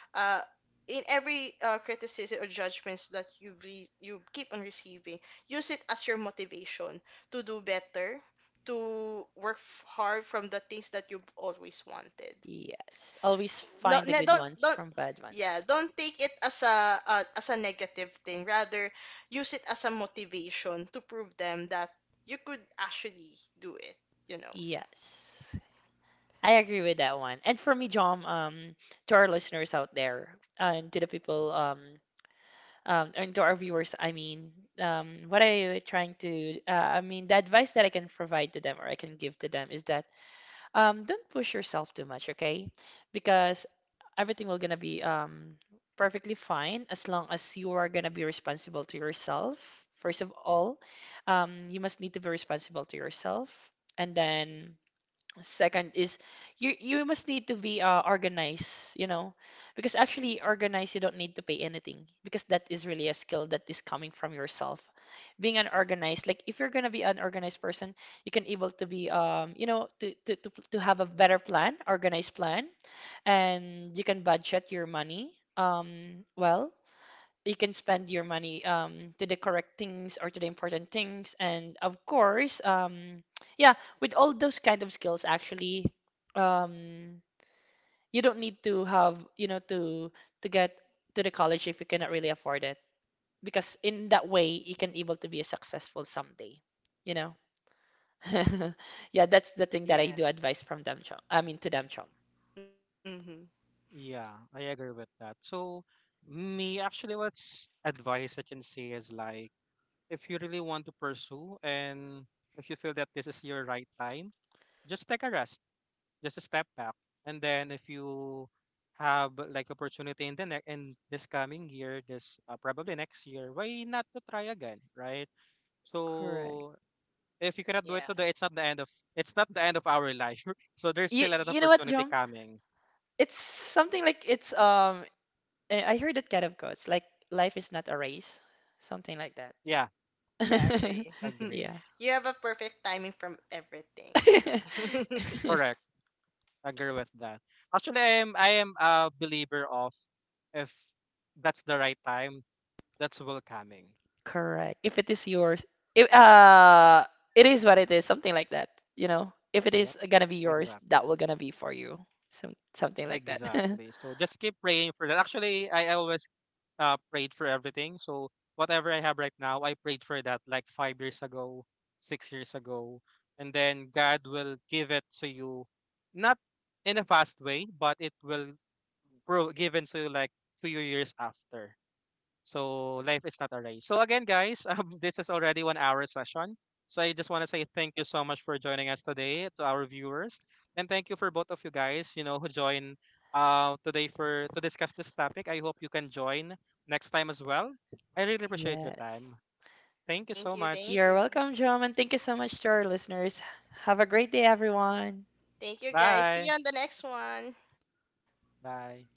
Speaker 3: in every, uh, criticism or judgments that you re- you keep on receiving, use it as your motivation to do better, to work f- hard from the things that you've always wanted.
Speaker 2: Yes, always
Speaker 3: no,
Speaker 2: find the
Speaker 3: ne,
Speaker 2: good
Speaker 3: don't
Speaker 2: ones
Speaker 3: don't
Speaker 2: from bad
Speaker 3: yeah,
Speaker 2: ones.
Speaker 3: don't take it as a, uh, as a negative thing, rather use it as a motivation to prove them that you could actually do it, you know.
Speaker 2: Yes, I agree with that one. And for me, John, um, to our listeners out there, and to the people, um, um, and to our viewers, I mean, um, what I trying to, uh, I mean, the advice that I can provide to them or I can give to them is that, um, don't push yourself too much, okay? Because everything will gonna be um perfectly fine as long as you are gonna be responsible to yourself. First of all, um, you must need to be responsible to yourself, and then second is you you must need to be uh, organized, you know, because actually organized you don't need to pay anything because that is really a skill that is coming from yourself. Being an organized, like if you're gonna be an organized person, you can able to be um you know to to to, to have a better plan, organized plan, and you can budget your money um well, you can spend your money um to the correct things or to the important things, and of course um yeah, with all those kind of skills actually um you don't need to have you know to to get to the college if you cannot really afford it, because in that way you can able to be a successful someday, you know. <laughs> Yeah, that's the thing that I do advise
Speaker 3: Yeah.
Speaker 2: from them, Chom, I mean to them, Chom.
Speaker 3: Mm-hmm.
Speaker 1: Yeah, I agree with that. So me actually what's advice I can say is like, if you really want to pursue and if you feel that this is your right time, just take a rest. Just a step back, and then if you have like opportunity in the next, in this coming year, this uh, probably next year, why not to try again, right?
Speaker 2: Correct.
Speaker 1: So if you cannot do it today, it's
Speaker 3: Yeah.
Speaker 1: not the end of it's not the end of our life. <laughs> So there's
Speaker 2: you
Speaker 1: still an
Speaker 2: you know what,
Speaker 1: opportunity
Speaker 2: Jom?
Speaker 1: coming.
Speaker 2: It's something like it's um eh, I heard that kind of quotes like life is not a race, something like that.
Speaker 1: Yeah,
Speaker 2: <laughs>
Speaker 3: Yeah, I agree.
Speaker 1: agree,
Speaker 2: Yeah.
Speaker 3: <laughs> You have a perfect timing from everything, yeah.
Speaker 2: <laughs>
Speaker 3: <laughs>
Speaker 1: correct, agree with that. Actually, i am I am a believer of, if that's the right time, that's will coming.
Speaker 2: Correct. If it is yours, if uh it is what it is, something like that, you know. If it
Speaker 1: Yep,
Speaker 2: is gonna be yours,
Speaker 1: exactly.
Speaker 2: that will gonna be for you. Some something like that. <laughs>
Speaker 1: Exactly. So just keep praying for that. Actually, I always uh, prayed for everything. So whatever I have right now, I prayed for that like five years ago, six years ago. And then God will give it to you, not in a fast way, but it will grow given to you like two years after. So life is not a race. So again, guys, <laughs> um, this is already one hour session. So I just want to say thank you so much for joining us today to our viewers, and thank you for both of you guys, you know, who join uh today for to discuss this topic. I hope you can join next time as well. I really appreciate your
Speaker 2: Yes.
Speaker 1: time. Thank you so
Speaker 3: Thank
Speaker 1: much.
Speaker 3: you,
Speaker 2: You're
Speaker 3: thank
Speaker 2: welcome,
Speaker 3: you.
Speaker 2: John, and thank you so much to our listeners. Have a great day, everyone.
Speaker 3: Thank you
Speaker 1: Bye.
Speaker 3: guys, see you on the next one.
Speaker 1: Bye.